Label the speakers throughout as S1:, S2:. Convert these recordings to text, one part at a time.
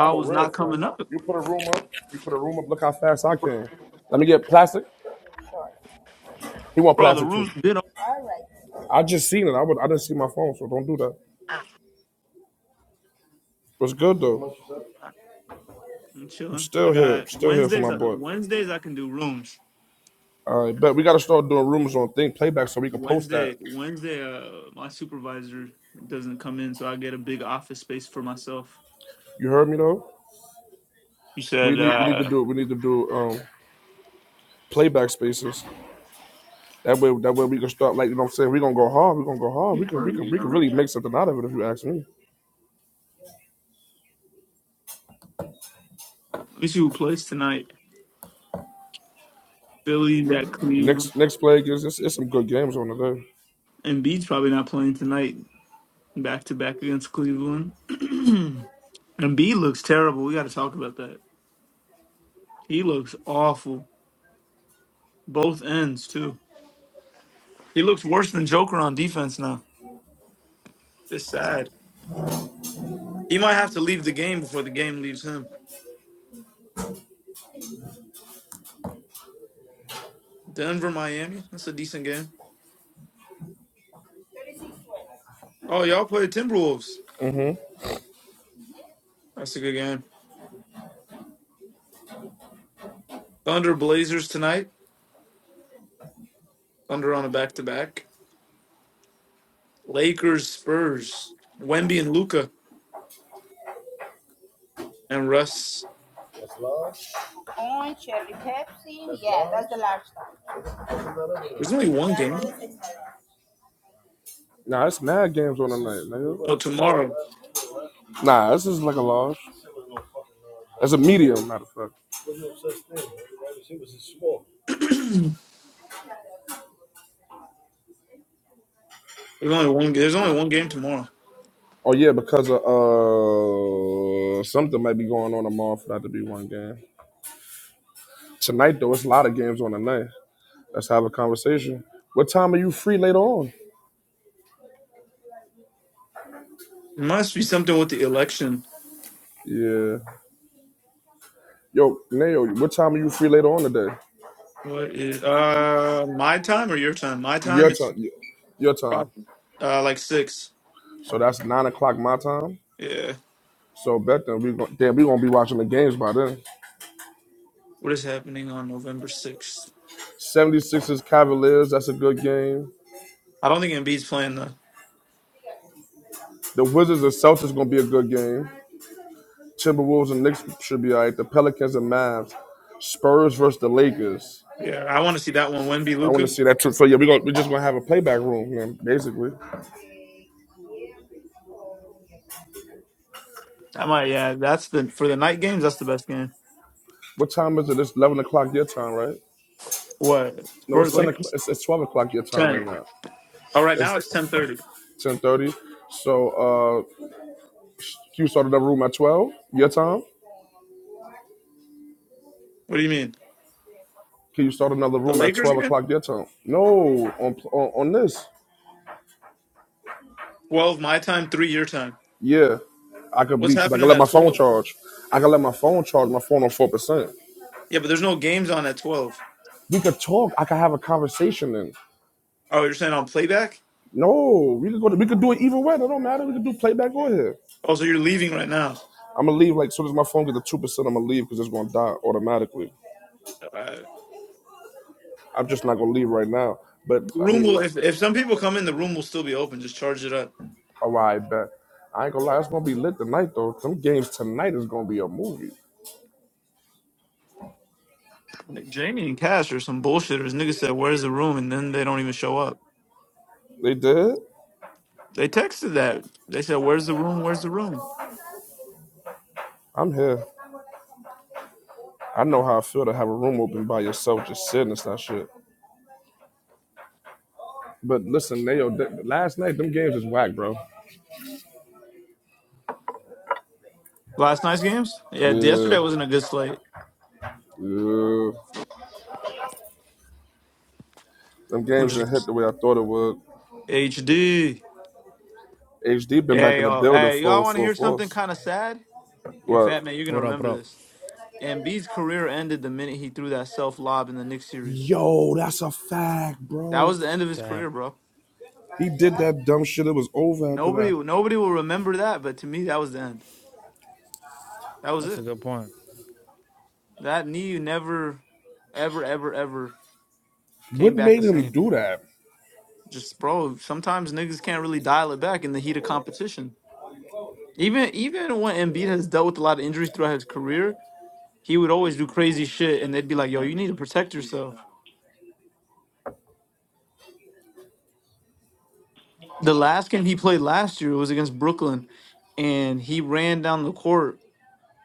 S1: I'm a
S2: was
S1: real
S2: not
S1: friend.
S2: coming up,
S1: You put a room up, you put a room up, look how fast I can. Let me get plastic. He want
S2: bro. The
S1: plastic too.
S2: room's been
S1: I just seen it. I would I didn't see my phone, so don't do that. What's good though?
S2: open. I'm
S1: I'm
S2: chilling. I
S1: still here.
S2: got
S1: Still here for
S2: Wednesdays.
S1: my
S2: uh,
S1: boy.
S2: Wednesdays I can do rooms.
S1: All right, bet we gotta start doing rumors on thing playback so we can post that.
S2: Wednesday, Wednesday, uh, my supervisor doesn't come in, so I get a big office space for myself.
S1: You heard me though?
S2: You
S1: We
S2: said,
S1: need we need to
S2: uh,
S1: do we need to do um playback spaces. That way that way we can start like you know what I'm saying, we gonna go hard, we gonna go hard. We
S2: at
S1: could we could we could really make something out of it if you ask me.
S2: least who plays tonight? Philly, that Cleveland,
S1: Next next play is it's, it's some good games on the day.
S2: Embiid's probably not playing tonight. Back to back against Cleveland, Embiid looks terrible. We got to talk about that. He looks awful, both ends too. He looks worse than Joker on defense now. It's sad. He might have to leave the game before the game leaves him. Denver, Miami. That's a decent game. Oh, y'all play Timberwolves. That's a good game. Thunder, Blazers tonight. Thunder on a back to back. Lakers, Spurs. Wemby and Luca and Russ. There's only one game.
S1: Nah, it's mad games on the night,
S2: Oh, tomorrow.
S1: nigga. Nah, this is like a loss. It's a medium, matter of fact.
S2: There's only one. There's only one game tomorrow.
S1: Oh yeah, because of uh something might be going on tomorrow for that to be one game. Tonight though, it's a lot of games on the night. Let's have a conversation. What time are you free later on?
S2: It must be something with the election.
S1: Yeah. Yo, Neo, what time are you free later on today?
S2: What is uh my time or your time? My
S1: Your
S2: time it's
S1: time. Your time.
S2: uh like six.
S1: So that's nine o'clock my time.
S2: Yeah.
S1: So bet then we gon- damn we gonna be watching the games by then.
S2: What is happening on November sixth?
S1: Seventy sixers Cavaliers, that's a good game.
S2: I don't think Embiid's playing though.
S1: The Wizards and Celtics gonna be a good game. Timberwolves and Knicks should be all right. The Pelicans and Mavs. Spurs versus the Lakers.
S2: Yeah, I want to see that one. Wemby,
S1: I want to
S2: Luca.
S1: see that too. So yeah, we gonna, we're just gonna have a playback room, man, basically.
S2: I might. Yeah, that's the for the night games. That's the best game.
S1: What time is it? It's eleven o'clock your time, right?
S2: What
S1: No,
S2: Spurs
S1: it's ten o'clock.
S2: Lakers
S1: It's, it's twelve o'clock your time right
S2: ten?
S1: now.
S2: Oh, right
S1: It's
S2: now it's ten thirty.
S1: ten thirty. So uh, can you start another room at twelve your time?
S2: What do you mean?
S1: Can you start another
S2: The
S1: room at
S2: Lakers
S1: twelve
S2: game
S1: o'clock your time? No, on on, on this.
S2: twelve my time, three your time.
S1: Yeah, I could be
S2: What's
S1: because I could
S2: happening
S1: let
S2: at
S1: my phone
S2: twelve?
S1: charge. I could let my phone charge. My phone on four percent.
S2: Yeah, but there's no games on at twelve.
S1: We could talk. I could have a conversation. And
S2: Oh, you're saying on playback?
S1: no, we could go. To, we could do it either way. That don't matter. We could do playback on here.
S2: Oh, so you're leaving right now.
S1: I'm gonna leave like soon as my phone gets to two percent. I'm gonna leave because it's gonna die automatically.
S2: Uh,
S1: I'm just not gonna leave right now. But
S2: the
S1: I
S2: room
S1: mean,
S2: will
S1: look,
S2: if if some people come in, the room will still be open. Just charge it up.
S1: all right, bet. I ain't gonna lie. It's gonna be lit tonight though. Some games tonight is gonna be a movie.
S2: Jamie and Cash or some bullshitters. Niggas said, "Where's the room?" and then they don't even show up.
S1: They did.
S2: They texted that. They said, "Where's the room? Where's the room?"
S1: I'm here. I know how I feel to have a room open by yourself, just sitting. and not shit. But listen, they, yo, th- last night them games is whack, bro.
S2: Last night's games. Yeah,
S1: Yeah,
S2: yesterday wasn't a good slate.
S1: yeah. Them
S2: Who
S1: games didn't hit
S2: just
S1: the way I thought it would.
S2: HD?
S1: HD been back
S2: Hey,
S1: in the
S2: y'all.
S1: building
S2: Hey, y'all
S1: full
S2: want to
S1: full
S2: hear something
S1: force.
S2: kind of sad? And
S1: What?
S2: Fat Man, you're gonna
S3: What up?
S2: remember
S3: What up?
S2: this. Embiid's career ended the minute he threw that self lob in the Knicks series.
S1: Yo, that's a fact,
S2: That
S1: bro.
S2: was the end of his
S3: Damn,
S2: career, bro.
S1: He did that dumb shit. It was over after
S2: Nobody,
S1: that.
S2: nobody will remember that. But to me, that was the end. That was
S3: that's a
S2: it.
S3: good point.
S2: That knee never, ever, ever, ever came
S1: What
S2: back the
S1: made him
S2: same.
S1: do that,
S2: Just bro. Sometimes niggas can't really dial it back in the heat of competition. Even even when Embiid has dealt with a lot of injuries throughout his career, he would always do crazy shit, and they'd be like, "Yo, you need to protect yourself." The last game he played last year was against Brooklyn, and he ran down the court.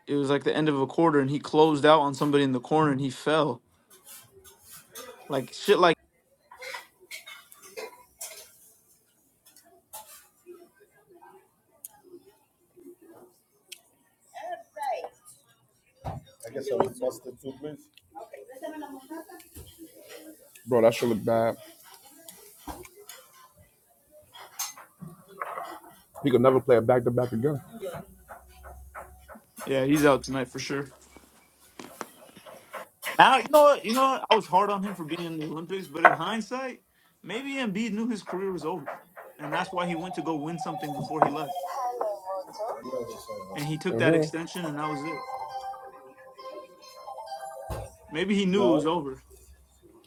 S2: It was like the end of a quarter, and he closed out on somebody in the corner, and he fell. Like shit, like
S1: bro? That shit look bad. He could never play a back to back again.
S2: yeah, he's out tonight for sure. Now you know what you know what? I was hard on him for being in the Olympics, but in hindsight, maybe Embiid knew his career was over, and that's why he went to go win something before he left, and he took that
S1: hmm
S2: extension, and that was it. Maybe he knew it was over.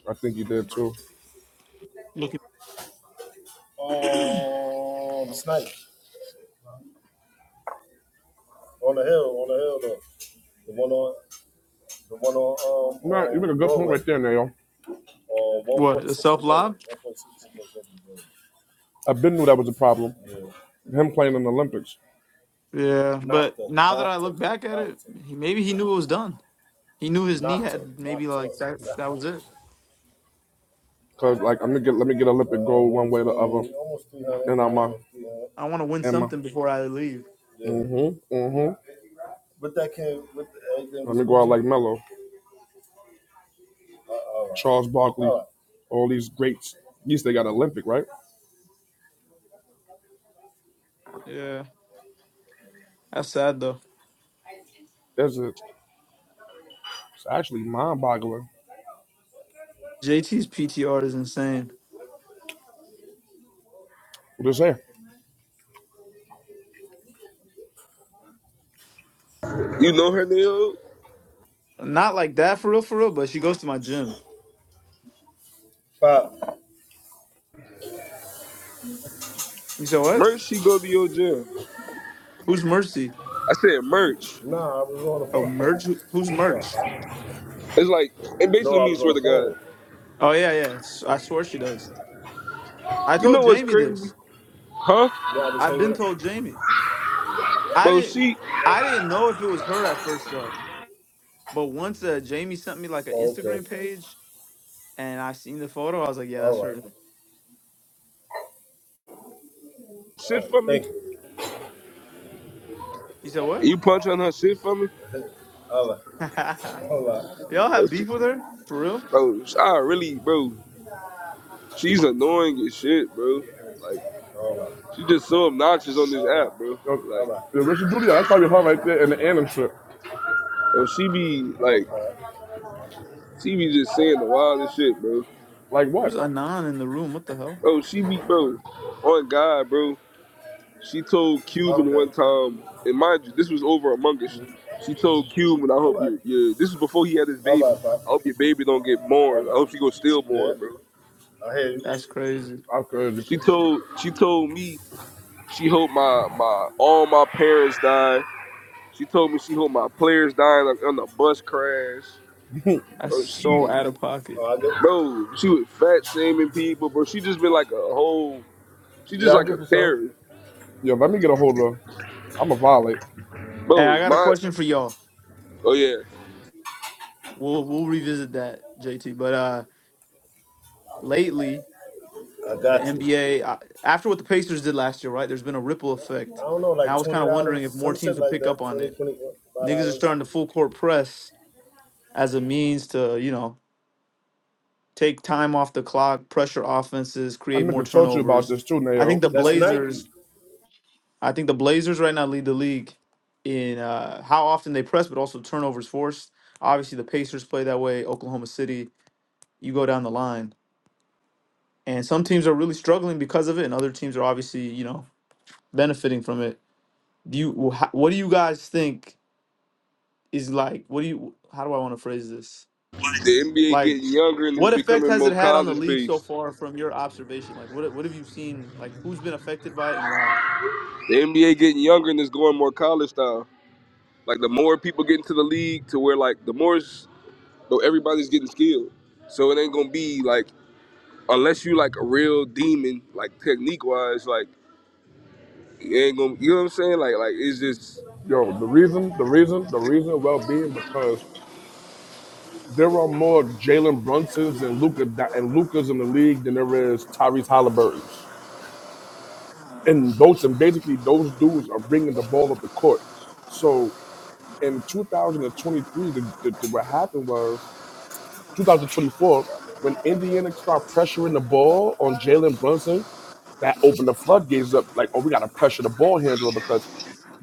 S1: I think he did too.
S2: Look at
S1: No, you make a good point right there, Nayo.
S2: what the self lob.
S1: I've been knew that was a problem. Him playing in the Olympics.
S2: Yeah, but now that I look back at it, he, maybe he knew it was done. He knew his knee had maybe like that. That was it.
S1: Cause like I'm gonna get let me get Olympic gold one way or the other. And I'm uh,
S2: I want to win
S1: Emma.
S2: something before I leave.
S1: Mm-hmm. Mm-hmm. Let me go out like Melo, Charles Barkley, all these greats. At least they got Olympic, right?
S2: Yeah, that's sad though.
S1: That's a, it's actually mind boggling.
S2: JT's PTR is insane.
S1: What is that?
S4: You know her name?
S2: Not like that for real, for real. But she goes to my gym. You said what?
S4: Merch, she go to your gym.
S2: Who's Mercy?
S4: I said merch.
S2: Oh, merch. Who- Who's merch?
S4: It's like, it basically means swear to God.
S2: Oh yeah, yeah. S- I swear she does. I
S4: You know
S2: told
S4: what's
S2: Jamie
S4: crazy?
S2: this.
S4: Huh?
S2: I've been told Jamie. I
S4: Bro,
S2: didn't
S4: she
S2: I didn't know if it was her at first though. But once uh, Jamie sent me like an Instagram page and I seen the photo, I was like, yeah, that's her.
S4: shit for me.
S2: You said what?
S4: You punch on her shit for me?
S2: Y'all
S4: Bro,
S2: have
S4: she,
S2: beef with her? For real?
S4: bro, I really, bro, she's annoying as shit, bro. Like, she just so obnoxious on this app, bro.
S1: The
S4: Like,
S1: Richard Duty, that's probably her right there in the anthem strip.
S4: bro, she be, like, she be just saying the wildest shit, bro.
S1: Like what?
S2: Who's Anon in the room? What the hell?
S4: Bro, she be, bro, on God, bro. She told Cuban one time, and mind you, this was over Among Us. She told Cuban, I hope you, you this was before he had his baby. I hope your baby don't get born. I hope she go stillborn, bro.
S2: That's crazy.
S1: I am crazy.
S4: She told she told me she hope my my all my parents die. She told me she hope my players die like on the bus crash.
S2: That's
S4: Bro, she
S2: so out of pocket.
S4: bro, she was fat shaming people, bro. She just been like a whole she just like a terrorist.
S1: yo, let me get a hold of I'm a violate.
S2: Hey, I
S4: Bro,
S2: got a
S4: my
S2: question for y'all.
S4: oh yeah.
S2: We'll we'll revisit that, JT. But uh lately, the NBA I, after what the Pacers did last year, right? There's been a ripple effect, and I was kind of wondering if more teams would pick up on it. Niggas are starting to full court press as a means to you know take time off the clock, pressure offenses,
S1: I
S2: create
S1: meant
S2: more
S1: to talk to you about
S2: turnovers.
S1: this too,
S2: I
S1: Nayo.
S2: think the Blazers. I think the Blazers right now lead the league in uh, how often they press, but also turnovers forced. Obviously, the Pacers play that way. Oklahoma City. You go down the line, and some teams are really struggling because of it, and other teams are obviously you know benefiting from it. Do you? wh- What do you guys think is like? What do you? How do I want to phrase this?
S4: The NBA
S2: Like
S4: getting younger and it's
S2: What effect
S4: becoming
S2: has it
S4: more
S2: had on the
S4: college
S2: league so
S4: based.
S2: far from your observation? Like, what what have you seen? Like, who's been affected by it and why?
S4: The NBA getting younger and it's going more college style. Like the more people get into the league, to where like the more s- everybody's getting skilled. So it ain't gonna be like unless you like a real demon, like technique wise, like it ain't gonna. You know what I'm saying? Like like it's just
S1: Yo, the reason, the reason, the reason well being because There are more Jalen Brunsons and Luca and Lukas in the league than there is Tyrese Halliburton's. And those and basically those dudes are bringing the ball up the court. So in 2023, the, the, the- what happened was 2024 when Indiana started pressuring the ball on Jalen Brunson that opened the floodgates up. Like, oh, we got to pressure the ball handler because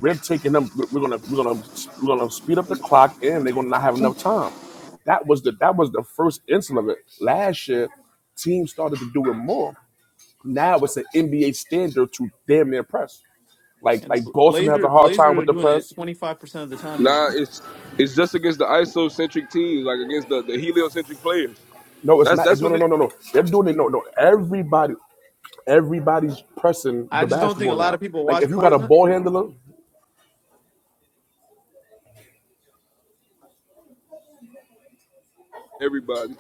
S1: we're taking them. We're we're gonna we're gonna we're gonna speed up the clock, and they're gonna not have enough time. That was the that was the first instance of it. Last year, teams started to do it more. Now it's an NBA standard to damn near press. Like
S2: And the
S1: like Boston has a
S2: Blazers,
S1: hard time
S2: Blazers
S1: with
S2: are
S1: the
S2: doing it
S1: press.
S2: twenty five percent of the time now.
S4: nah. It's it's just against the isocentric teams, like against the the heliocentric players.
S1: No, it's
S4: That's
S1: not. It's,
S4: that's
S1: no,
S4: what
S1: no,
S4: it,
S1: no, no, no. They're doing it. No, no. Everybody, everybody's pressing
S2: I
S1: the
S2: just don't think
S1: basketball
S2: a lot of
S1: now.
S2: people
S1: Like if
S2: watch
S1: you got a
S2: Portland.
S1: ball handler,
S4: everybody.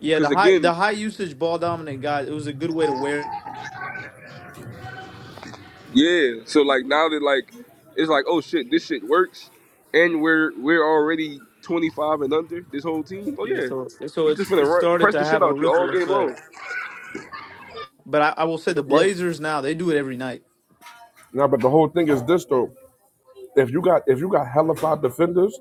S2: Yeah, the
S4: Because
S2: high
S4: again,
S2: the high usage ball dominant guys. It was a good way to wear.
S4: Yeah. So like now that like it's like oh shit this shit works, and we're we're already 25 and under this whole team. Oh
S2: Yeah,
S4: yeah,
S2: so so
S4: you just
S2: it's
S4: gonna
S2: it
S4: run,
S2: started
S4: press
S2: to
S4: the shit
S2: have a
S4: out you all
S2: ripple
S4: game
S2: effect.
S4: long,
S2: But I, I will say the
S1: well,
S2: Blazers now they do it every night.
S1: now but the whole thing is this though. if you got if you got hella five defenders,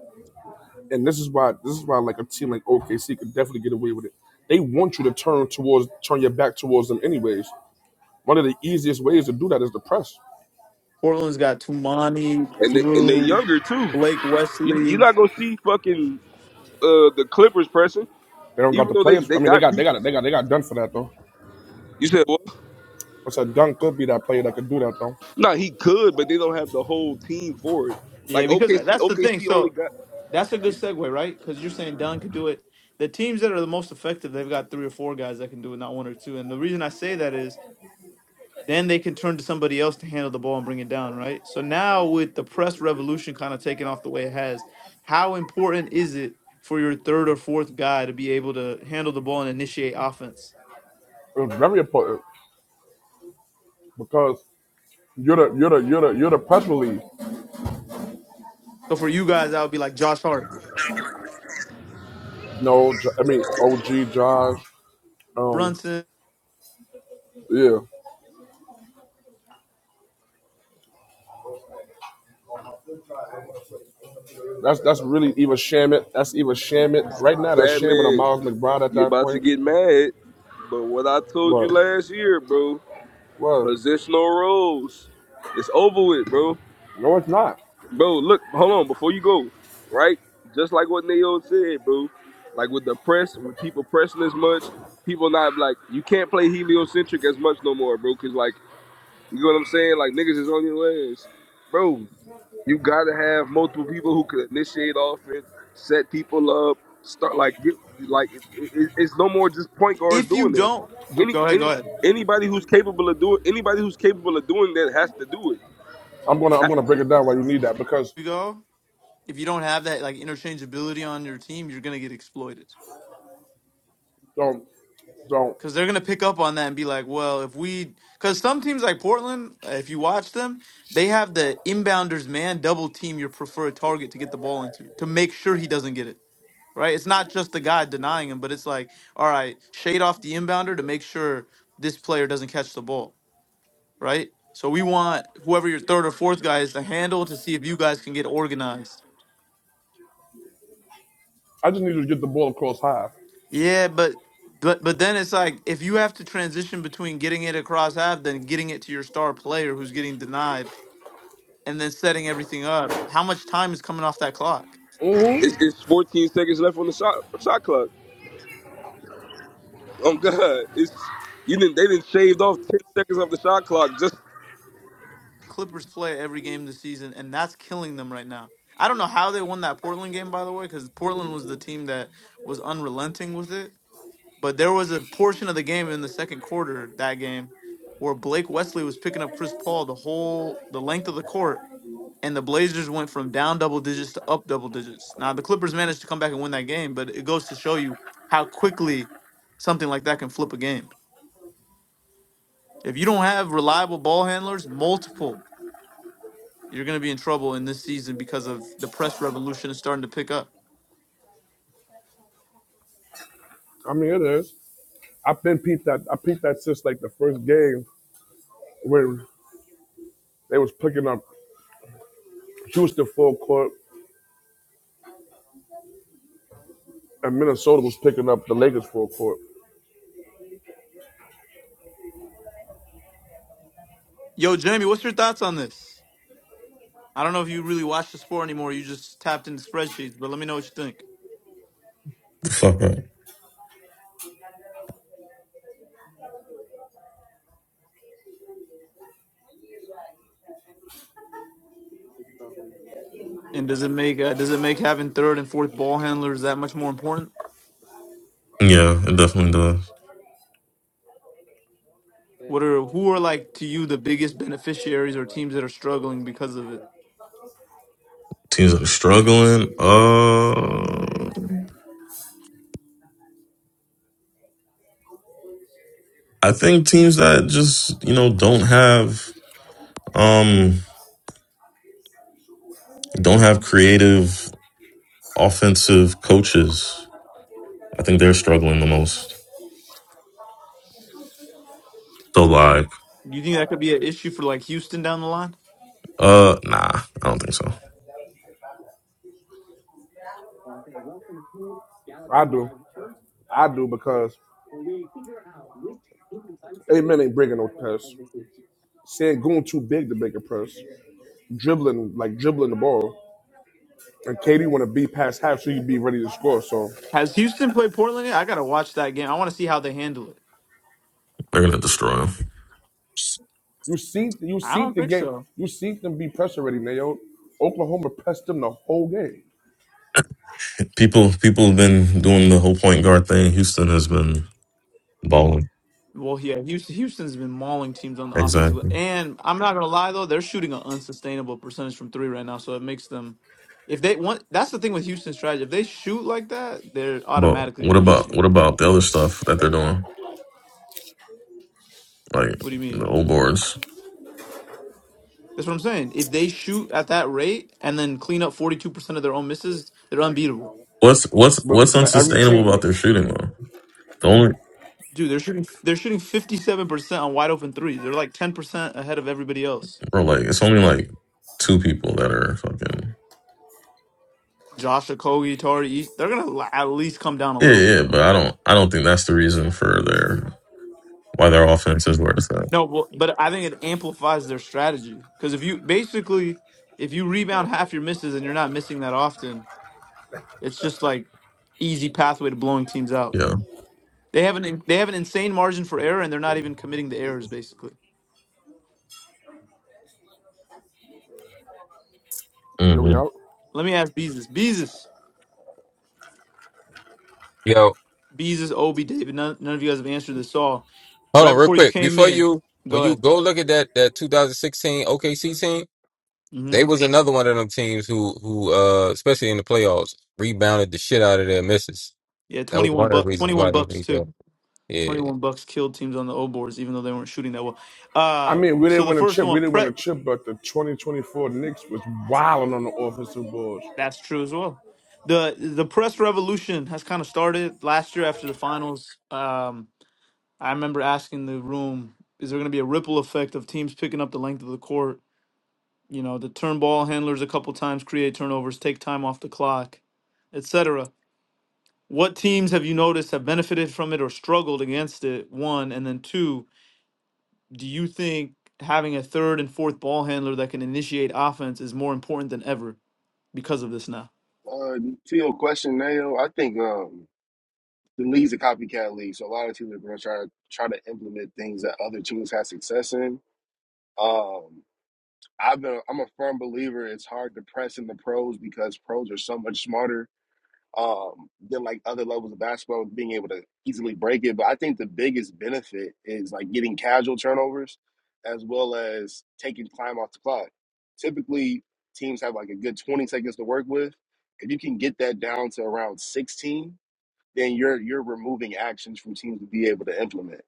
S1: and this is why this is why like a team like OKC could definitely get away with it. They want you to turn towards turn your back towards them anyways. One of the easiest ways to do that is the press.
S2: Portland's got Tumani,
S4: and they, and they
S2: Drew,
S4: younger too.
S2: Blake
S4: You you're
S2: Wesley.
S4: not gonna see fucking uh the Clippers pressing,
S1: They don't got
S4: even
S1: the
S4: though they
S1: players.
S4: they
S1: I mean, they
S4: got
S1: got they got
S4: pieces.
S1: they got they got done for that though.
S4: You said what?
S1: What's that? Dunn could be that player that could do that though.
S4: nah, he could, but they don't have the whole team for it. Like
S2: Yeah, because tha-
S4: OKC
S2: that's the thing.
S4: OKC
S2: So
S4: only got
S2: That's a good segue, right? Because you're saying Dunn could do it. The teams that are the most effective, they've got three or four guys that can do it, not one or two. And the reason I say that is then they can turn to somebody else to handle the ball and bring it down, right? So now with the press revolution kind of taking off the way it has, how important is it for your third or fourth guy to be able to handle the ball and initiate offense?
S1: It's very important because you're the you're the you're the you're the press relief.
S2: So for you guys, that would be like Josh Hart,
S1: No, J- I mean OG Josh. Um,
S2: Brunson.
S1: yeah, that's that's really either Shamit. That's either Shamit right now. That's Shamit or
S4: Batman.
S1: Miles McBride at
S4: You're
S1: that
S4: about to
S1: point.
S4: get mad, but what I told you
S1: Well,
S4: last year, bro.
S1: well,
S4: Positional roles. It's over with, bro.
S1: no, it's not.
S4: Bro, look, hold on, before you go, right? Just like what Neo said, bro. Like with the press, with people pressing as much, people not like you can't play heliocentric as much no more, bro. Cause like you know what I'm saying? Like niggas is on your ass. Bro, you gotta have multiple people who can initiate offense, set people up, start like get like it, it, it's no more just point guards
S2: If you
S4: doing that.
S2: don't,
S1: Ju-
S4: Any
S2: go ahead, go
S4: any
S2: ahead.
S4: anybody who's capable of doing anybody who's capable of doing that has to do it.
S1: I'm gonna I'm gonna break it down why you need that because
S2: You go. If you don't have that like interchangeability on your team, you're gonna get exploited.
S1: don't don't.
S2: Because they're going to pick up on that and be like, well, if we. Because some teams like Portland, uh, if you watch them, they have the inbounders man double team your preferred target to get the ball into to make sure he doesn't get it. Right? It's not just the guy denying him, but it's like, all right, shade off the inbounder to make sure this player doesn't catch the ball. Right? So we want whoever your third or fourth guy is to handle to see if you guys can get organized
S1: I just need you to get the ball across high.
S2: Yeah, but but but then it's like if you have to transition between getting it across half, then getting it to your star player who's getting denied, and then setting everything up. How much time is coming off that clock?
S1: hmm
S4: It's, it's 14 seconds left on the shot shot clock. Oh God, it's you didn't they didn't shaved off 10 seconds off the shot clock just
S2: Clippers play every game this season, and that's killing them right now. I don't know how they won that Portland game, by the way, because Portland was the team that was unrelenting with it. But there was a portion of the game in the second quarter that game where Blake Wesley was picking up Chris Paul the whole the length of the court and the Blazers went from down double digits to up double digits. Now the Clippers managed to come back and win that game, but it goes to show you how quickly something like that can flip a game. If you don't have reliable ball handlers, multiple, you're going to be in trouble in this season because of the press revolution is starting to pick up.
S1: I mean, it is. I've been peeped that. I peeped that since like the first game when they was picking up Houston full court and Minnesota was picking up the Lakers full court.
S2: Yo, Jamie, what's your thoughts on this? I don't know if you really watch the sport anymore. You just tapped into spreadsheets, but let me know what you think.
S5: Fuck up.
S2: And does it make uh, does it make having third and fourth ball handlers that much more important?
S5: Yeah, it definitely does.
S2: What are who are like to you the biggest beneficiaries or teams that are struggling because of it?
S5: Teams that are struggling. Uh, I think teams that just you know don't have um don't have creative offensive coaches. I think they're struggling the most. So like,
S2: Do you think that could be an issue for like Houston down the line?
S5: uh, nah, I don't think so.
S1: I do, I do because Amen ain't breaking no press. Sangoon too big to make a press. Dribbling like dribbling the ball, and Katie want to be past half so you be ready to score. So.
S2: Has Houston played Portland yet? I gotta watch that game. I want to see how they handle it.
S5: They're gonna destroy them.
S1: You seen you
S2: I
S1: seen
S2: don't
S1: the
S2: think
S1: game.
S2: so.
S1: You seen them be pressure ready, man. Yo, Oklahoma pressed them the whole game.
S5: People, people have been doing the whole point guard thing. Houston has been balling.
S2: Well, yeah, Houston, Houston's been mauling teams on the offensive,
S5: Exactly.
S2: and I'm not gonna lie though, they're shooting an unsustainable percentage from three right now, so it makes them. If they want, that's the thing with Houston's strategy. If they shoot like that, they're
S5: But
S2: automatically
S5: what
S2: gonna beat
S5: about
S2: you.
S5: what about the other stuff that they're doing, like
S2: What do you mean?
S5: the old boards?
S2: That's what I'm saying. If they shoot at that rate and then clean up 42% of their own misses, they're unbeatable.
S5: What's what's
S1: But
S5: what's
S1: but every
S5: unsustainable
S1: team
S5: about their shooting though? The only
S2: Dude, they're shooting they're shooting 57% on wide open threes. They're like 10% ahead of everybody else.
S5: bro, like it's only like two people that are fucking
S2: Josh Okogie, Tari, they're going to at least come down a
S5: yeah,
S2: little
S5: yeah.
S2: bit
S5: yeah,
S2: though.
S5: But I don't I don't think that's the reason for their why their offense is where it's at.
S2: No, well, but I think it amplifies their strategy cuz if you basically if you rebound half your misses and you're not missing that often, it's just like easy pathway to blowing teams out.
S5: Yeah,
S2: They have an they have an insane margin for error and they're not even committing the errors basically.
S1: yo, we
S5: hmm
S1: out.
S2: Let me ask Beezus. Beezus,
S6: Yo,
S2: Beezus, Obi, David. None, none of you guys have answered this all.
S6: hold
S2: Right
S6: on real
S2: before you
S6: quick.
S2: came
S6: Before
S2: in,
S6: you, when
S2: go
S6: you
S2: ahead.
S6: go look at that that 2016 OKC team,
S2: hmm
S6: they was another one of them teams who who uh especially in the playoffs rebounded the shit out of their misses.
S2: Yeah,
S6: That was
S2: twenty-one
S6: one of the
S2: buck,
S6: reasons
S2: twenty-one
S6: why they
S2: bucks
S6: beat
S2: too.
S6: them. Yeah,
S2: Twenty-one bucks killed teams on the O boards, even though they weren't shooting that well.
S1: I
S2: Uh,
S1: mean, we
S2: so
S1: didn't
S2: the
S1: win a
S2: first
S1: chip. We
S2: one,
S1: didn't win
S2: pre-
S1: a chip, but the 2024 Knicks was wilding on the offensive boards.
S2: that's true as well. the The press revolution has kind of started last year after the finals. Um, I remember asking the room, "Is there going to be a ripple effect of teams picking up the length of the court?" You know, the turn ball handlers a couple times create turnovers, take time off the clock etc. What teams have you noticed have benefited from it or struggled against it? One, and then two, do you think having a third and fourth ball handler that can initiate offense is more important than ever because of this now?
S7: Uh, to your question, Nayo, I think um, the league's a copycat league, so a lot of teams are going to try try to implement things that other teams had success in. Um, I've been, I'm a firm believer it's hard to press in the pros because pros are so much smarter um, than like other levels of basketball, being able to easily break it. But I think the biggest benefit is like getting casual turnovers as well as taking time off the clock. Typically, teams have like a good 20 seconds to work with. If you can get that down to around 16, then you're you're removing actions from teams to be able to implement.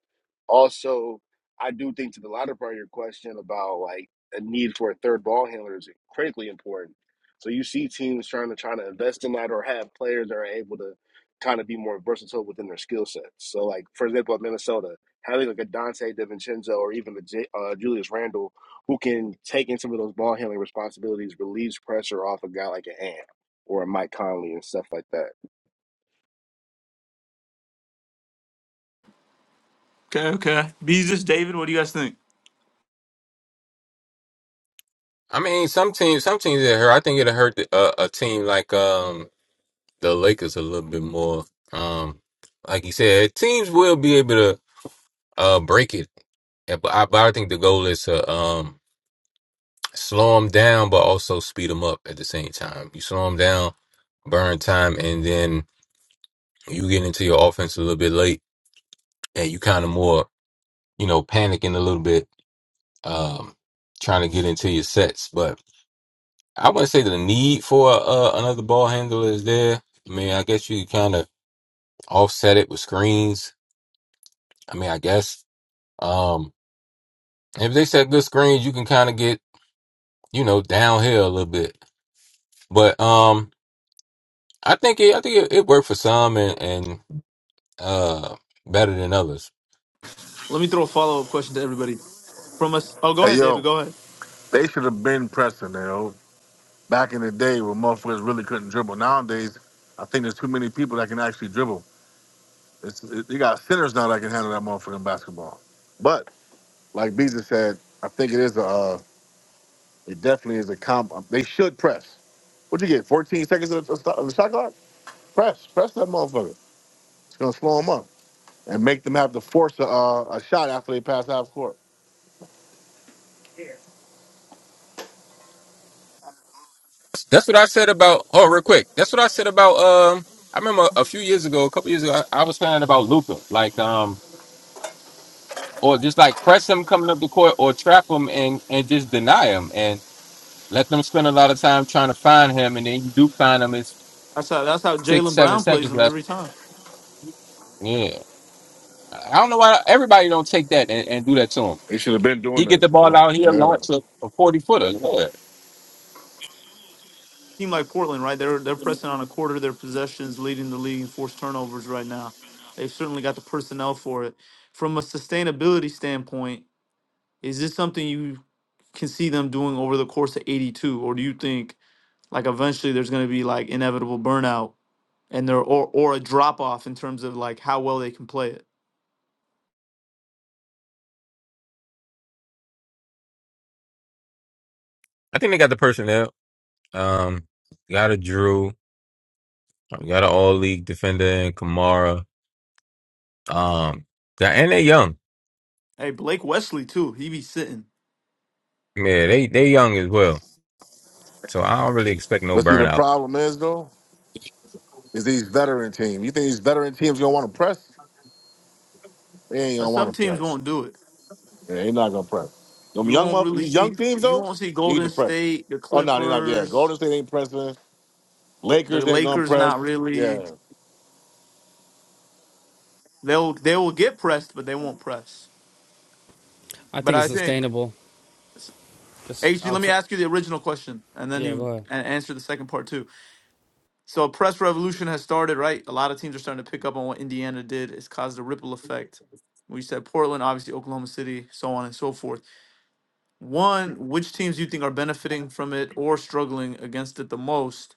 S7: Also, I do think to the latter part of your question about like a need for a third ball handler is critically important. So you see teams trying to trying to invest in that or have players that are able to kind of be more versatile within their skill sets. So like for example, at Minnesota, having like a Dante DiVincenzo or even a J, uh, Julius Randle who can take in some of those ball handling responsibilities, relieves pressure off a guy like an Ant or a Mike Conley and stuff like that.
S2: Okay, okay. Beezus, David, what do you guys think?
S6: I mean some teams some teams that hurt. I think it hurt the, uh, a team like um the Lakers a little bit more. Um, like you said, teams will be able to uh break it, Yeah, but I, but I think the goal is to um. slow them down, but also speed them up at the same time. You slow them down, burn time, and then you get into your offense a little bit late, and you kind of more, you know, panicking a little bit, um, trying to get into your sets. But I wouldn't say the need for uh, another ball handler is there. I mean, I guess you kind of offset it with screens. I mean, I guess um, if they set good screens, you can kind of get, you know, downhill a little bit. But um, I think it, I think it, it worked for some, and, and uh, better than others.
S2: Let me throw a follow up question to everybody. From us, oh, go
S8: Hey
S2: ahead, David.
S8: yo,
S2: Go ahead.
S8: they should have been pressing, you know. Back in the day when motherfuckers really couldn't dribble. Nowadays, I think there's too many people that can actually dribble. It's, it, you got centers now that can handle that motherfucking basketball. But like Beezer said, I think it is a uh, it definitely is a comp. um, They should press. What'd you get? 14 seconds of, of, of the shot clock? Press, press that motherfucker. It's gonna slow them up and make them have to force a, uh, a shot after they pass half court.
S6: That's what I said about. Oh, real quick. That's what I said about. Um, I remember a few years ago, a couple years ago, I, I was saying about Luca, like um, or just like press him coming up the court, or trap him and and just deny him, and let them spend a lot of time trying to find him, and then you do find him. It's
S2: That's how that's how
S6: six,
S2: Jalen
S6: seven
S2: Brown plays
S6: seconds
S2: them
S6: left.
S2: every time.
S6: Yeah, I don't know why everybody don't take that and, and do that to him.
S8: They should have been
S6: He
S8: doing
S6: get the
S8: this.
S6: ball
S8: You
S6: out
S8: know?
S6: here,
S8: Yeah.
S6: launch a, a forty footer.
S2: Team like Portland, right? They're they're pressing on a quarter of their possessions, leading the league in forced turnovers right now. They've certainly got the personnel for it. From a sustainability standpoint, Is this something you can see them doing over the course of 82, or do you think like eventually there's going to be like inevitable burnout and there or or a drop off in terms of like how well they can play it?
S6: I think they got the personnel. Um, got a Drew. We got an all league defender in Kamara. Um, th- and they young.
S2: Hey, Blake Wesley too, he be sitting.
S6: Yeah, they they young as well. So I don't really expect no
S8: But see, the
S6: burnout.
S8: problem is though. Is these veteran teams. You think these veteran teams gonna want to press? They ain't
S2: Uh,
S8: gonna
S2: Some
S8: want to
S2: teams
S8: press.
S2: won't do it.
S8: Yeah, they not gonna press. Them
S2: You
S8: young
S2: won't
S8: mother,
S2: really
S8: these young
S2: see
S8: teams
S2: you
S8: though
S2: won't see
S8: need
S2: Golden
S8: to press.
S2: State, the
S8: Oh no, they not. Yeah,
S2: Clippers,
S8: Golden State ain't pressing.
S2: the
S8: Lakers ain't gonna
S2: Lakers
S8: press.
S2: not really.
S8: Yeah,
S2: They'll they will get pressed, but they won't press.
S3: I
S2: But
S3: think it's
S2: I think
S3: sustainable. Just
S2: HG,
S3: out.
S2: let me
S3: To,
S2: ask you the original question and then
S3: Yeah, go
S2: you
S3: ahead.
S2: a- answer the second part too So a press revolution has started, right? A lot of teams are starting to pick up on what Indiana did. It's caused a ripple effect. We said Portland, obviously Oklahoma City, so on and so forth. One, which teams do you think are benefiting from it or struggling against it the most?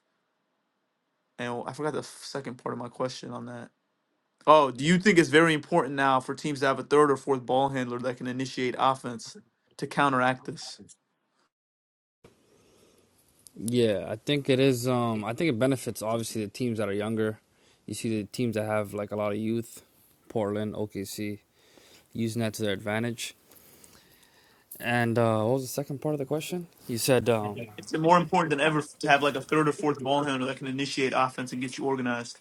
S2: And I forgot the f- second part of my question on that. Oh, do you think it's very important now for teams to have a third or fourth ball handler that can initiate offense to counteract this?
S3: yeah, I think it is. Um, I think it benefits obviously the teams that are younger. You see the teams that have like a lot of youth, Portland, OKC, using that to their advantage. And uh, what was the second part of the question? You said, um,
S2: It's more important than ever to have like a third or fourth ball handler that can initiate offense and get you organized.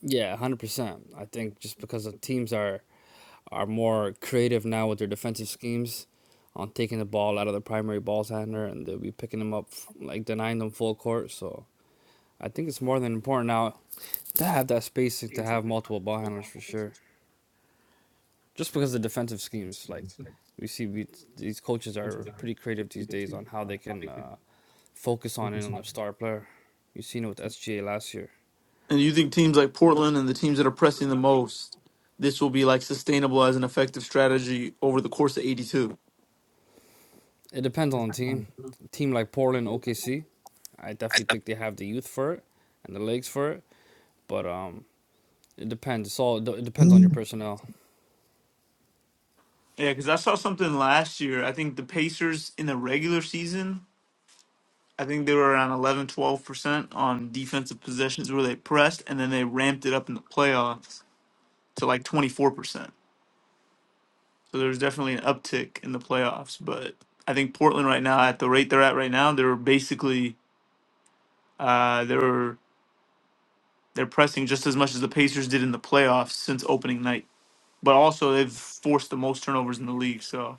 S3: yeah, one hundred percent. I think just because the teams are are more creative now with their defensive schemes, on taking the ball out of the primary ball handler, and they'll be picking them up, like denying them full court. So I think it's more than important now to have that spacing to have multiple ball handlers for sure. Just because of the defensive schemes, like we see, we, these coaches are pretty creative these days on how they can uh, focus on it on their star player. You've seen it with SGA last year.
S2: And you think teams like Portland and the teams that are pressing the most, this will be like sustainable as an effective strategy over the course of 82?
S3: It depends on the team. A team like Portland, OKC, I definitely think they have the youth for it and the legs for it, but um, it depends. It's all it depends on your personnel.
S2: Yeah, because I saw something last year. I think the Pacers in the regular season, I think they were around 11, 12% on defensive possessions where they pressed, and then they ramped it up in the playoffs to like 24%. So there's definitely an uptick in the playoffs. But I think Portland right now, at the rate they're at right now, they're basically, uh, they're They're pressing just as much as the Pacers did in the playoffs since opening night. But also they've forced the most turnovers in the league, so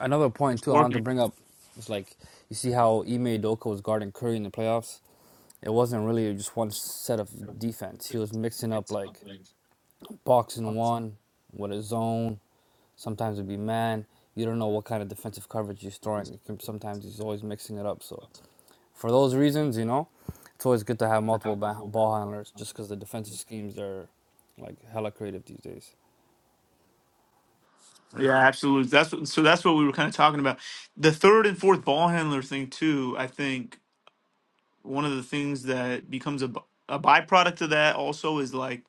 S3: Another point
S2: it's
S3: too, I wanted to
S2: working.
S3: bring up is like you see how Ime Doka was guarding Curry in the playoffs It wasn't really just one set of defense. He was mixing up like boxing one with a zone. Sometimes it'd be man. You don't know what kind of defensive coverage he's throwing. Sometimes he's always mixing it up. So for those reasons, you know, it's always good to have multiple ball handlers just because the defensive schemes are like hella creative these days.
S2: Yeah, absolutely. That's what, so that's what we were kind of talking about. The third and fourth ball handler thing too. I think one of the things that becomes a, b- a byproduct of that also is like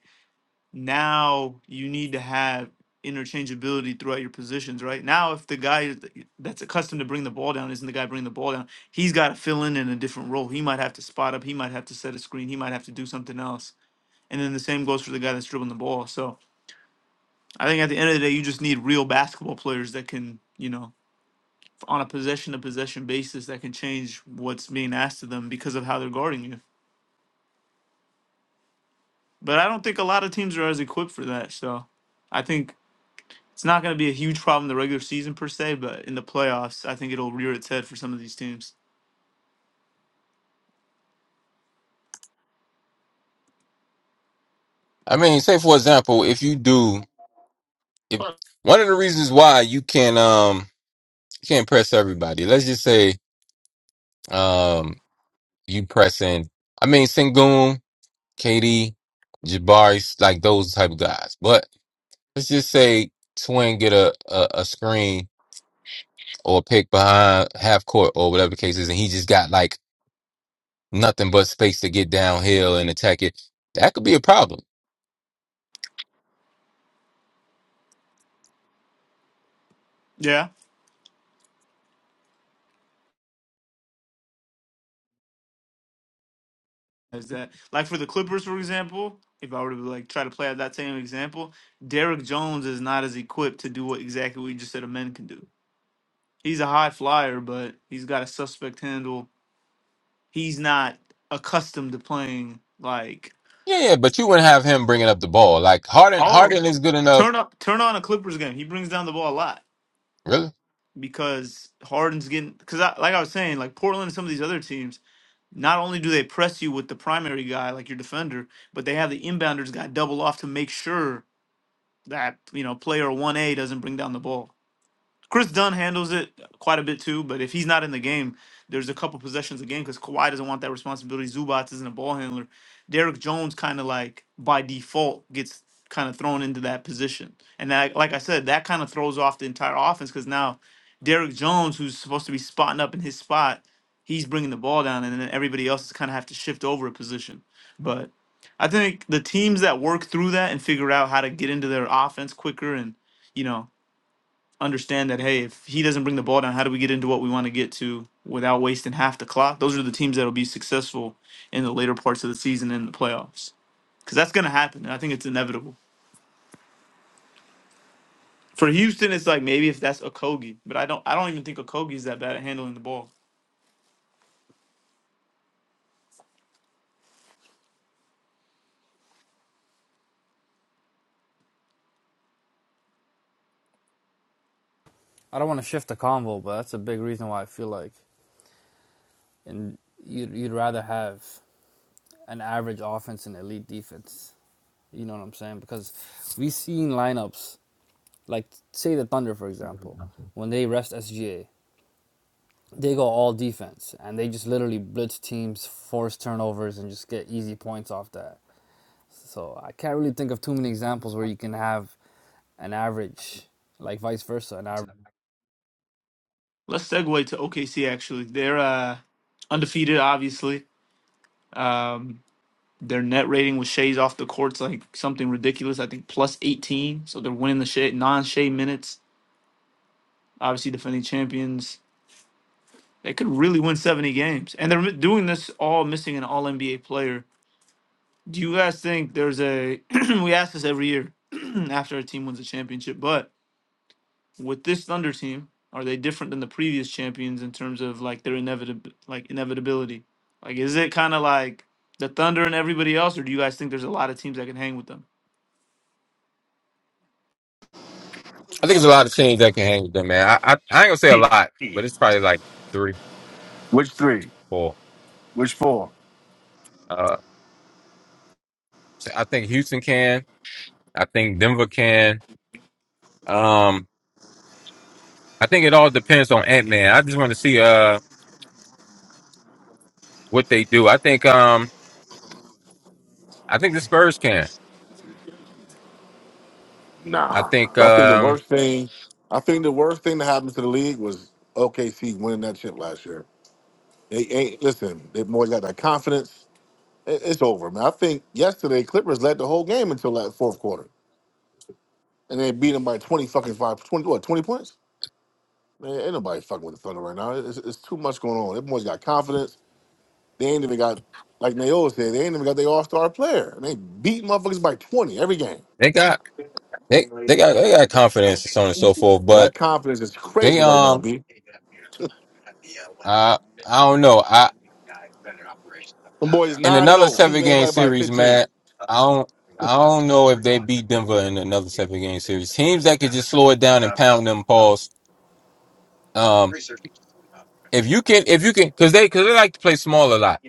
S2: now you need to have interchangeability throughout your positions, right? Now, if the guy is- that's accustomed to bring the ball down isn't the guy bringing the ball down, he's got to fill in in a different role. He might have to spot up, he might have to set a screen, he might have to do something else. And then the same goes for the guy that's dribbling the ball. So I think at the end of the day, you just need real basketball players that can, you know, on a possession to possession basis, that can change what's being asked of them because of how they're guarding you. But I don't think a lot of teams are as equipped for that. So. I think It's not going to be a huge problem the regular season per se, but in the playoffs, I think it'll rear its head for some of these teams.
S6: I mean, say for example, if you do, if one of the reasons why you can um you can't press everybody. Let's just say um you pressing. I mean, Sengun, KD, Jabari, like those type of guys. But let's just say Twin get a a, a screen or a pick behind half court or whatever the case is, and he just got like nothing but space to get downhill and attack it, that could be a problem.
S2: Yeah, is that like for the Clippers, for example? If I were to like try to play out that same example, Derek Jones is not as equipped to do what exactly we just said a man can do. He's a high flyer, but he's got a suspect handle. He's not accustomed to playing like
S6: Yeah, yeah, but you wouldn't have him bringing up the ball. Like Harden,
S2: oh
S6: Harden is good enough.
S2: turn up turn on a Clippers game. He brings down the ball a lot
S6: Really,
S2: because Harden's getting because I, like I was saying like Portland and some of these other teams Not only do they press you with the primary guy like your defender, but they have the inbounders guy double off to make sure that you know player one A doesn't bring down the ball. Chris Dunn handles it quite a bit too, but if he's not in the game, there's a couple possessions a game because Kawhi doesn't want that responsibility. Zubats isn't a ball handler. Derrick Jones kind of like by default gets kind of thrown into that position, and that, like I said, that kind of throws off the entire offense because now Derrick Jones, who's supposed to be spotting up in his spot, he's bringing the ball down, and then everybody else is kind of have to shift over a position. But I think the teams that work through that and figure out how to get into their offense quicker and you know understand that hey, if he doesn't bring the ball down, how do we get into what we want to get to without wasting half the clock? Those are the teams that'll be successful in the later parts of the season in the playoffs because that's going to happen. And I think it's inevitable for Houston. It's like maybe if that's Okogie, but I don't. I don't even think Okogie's that bad at handling the ball.
S3: I don't want to shift the convo, but that's a big reason why I feel like and you'd, you'd rather have an average offense and elite defense. You know what I'm saying? Because we've seen lineups Like say the Thunder for example, when they rest SGA, they go all defense and they just literally blitz teams, force turnovers, and just get easy points off that. So I can't really think of too many examples where you can have an average, like vice versa, an average.
S2: Let's segue to OKC. Actually, they're uh, undefeated, obviously. Um, their net rating with Shea's off the court's like something ridiculous. I think plus eighteen, so they're winning the shea non Shea minutes. Obviously, defending champions They could really win 70 games. And they're doing this all missing an all NBA player. Do you guys think there's a we ask this every year after a team wins a championship, but with this Thunder team, are they different than the previous champions in terms of like their inevitable like inevitability? Like is it kind of like the Thunder and everybody else or do you guys think there's a lot of teams that can hang with them?
S6: I think there's a lot of teams that can hang with them, man. I, I, I ain't gonna say a lot, but it's probably like three,
S8: Which three?
S6: four.
S8: Which four?
S6: Uh, so I think Houston can. I think Denver can. Um, I think it all depends on Ant Man. I just want to see uh what they do. I think um I think the Spurs can. I
S8: nah.
S6: think
S8: I think the
S6: um
S8: worst thing, I think the worst thing that happened to the league was OKC winning that chip last year. They ain't listen. They boys got that confidence. It- It's over, man. I think yesterday Clippers led the whole game until that fourth quarter. and they beat them by 20 fucking five, twenty what, 20 points? Man, ain't nobody fucking with the Thunder right now. It's, it's too much going on. Them boys got confidence. They ain't even got, like Nayo said, they ain't even got their all star player. And they beat motherfuckers by 20 every game.
S6: they got they they got they got confidence and so on and so forth,
S8: Yeah,
S6: but.
S8: that confidence is crazy
S6: They
S8: right
S6: um
S8: now, B.
S6: I I don't know. I
S8: Them boys
S6: in
S8: 9 and
S6: another
S8: 0, beating
S6: seven game
S8: anybody by
S6: series, man.
S8: 15.
S6: I don't I don't know if they beat Denver in another seven game series. Teams that could just slow it down and pound them paws. Um, if you can, if you can, because they because they like to play small a lot.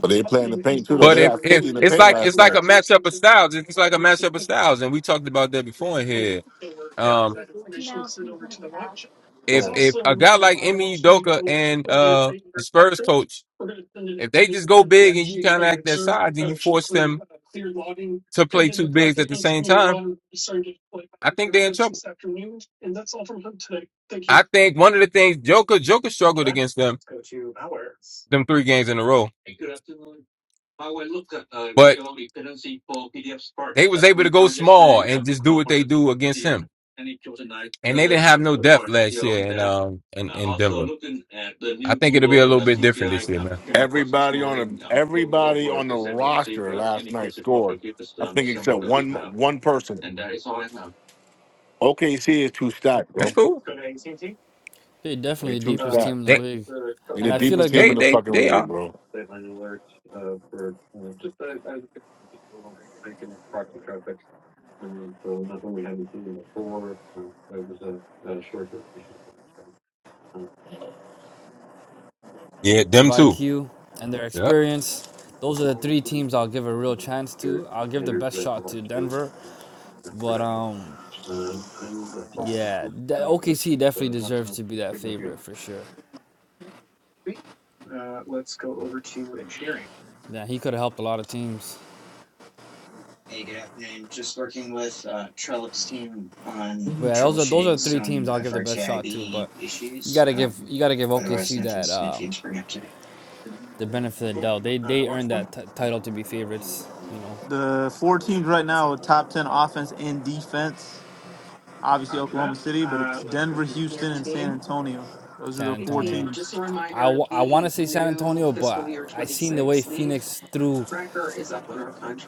S8: But they playing the paint too, though.
S6: But
S8: They
S6: if
S8: got
S6: if
S8: 50 in the
S6: it's
S8: paint
S6: like
S8: last
S6: it's like a
S8: night.
S6: matchup of styles, it's like a matchup of styles, and we talked about that before in here. Um, if
S8: Oh.
S6: if a guy like Emi Udoka and uh the Spurs coach, if they just go big and you kind of act their size, then you force them to play two bigs at the same time I think they're in trouble. I think one of the things Joker Joker struggled against them them three games in a row, but they was able to go small and just do what they do against him. And they didn't have no depth last year in um in, in Denver. I think it'll be a little bit different this year, man.
S8: Everybody on the everybody on the roster last night scored. I think except one one person. OKC is too stacked,
S6: That's
S8: bro.
S6: cool.
S3: They're
S8: They
S3: definitely the
S8: too
S3: deepest
S8: stacked.
S3: team in the
S6: They
S3: league,
S8: They
S3: and
S8: the
S3: I feel
S8: deepest
S3: like
S8: team
S3: their
S6: they
S8: in the
S6: they
S8: fucking
S6: they
S8: league,
S6: are.
S8: bro.
S6: Yeah, them
S3: defensive
S6: too.
S3: IQ and their
S6: Yeah.
S3: experience. Those are the three teams I'll give a real chance to. I'll give the best shot to Denver, but um, yeah, OKC definitely deserves to be that favorite for sure. Yeah, he could have helped a lot of teams. But yeah, those are those are three teams I'll give the best shot to. But you gotta give you gotta give OKC that um, the benefit of the doubt. They they earned that t- title to be favorites. You know,
S2: The four teams right now are top 10 offense and defense. Obviously Oklahoma City, but it's Denver, Houston, and San Antonio. Those are
S3: San
S2: the four
S3: Antonio.
S2: teams.
S3: I, w- I want to say San Antonio, but I seen the way Phoenix threw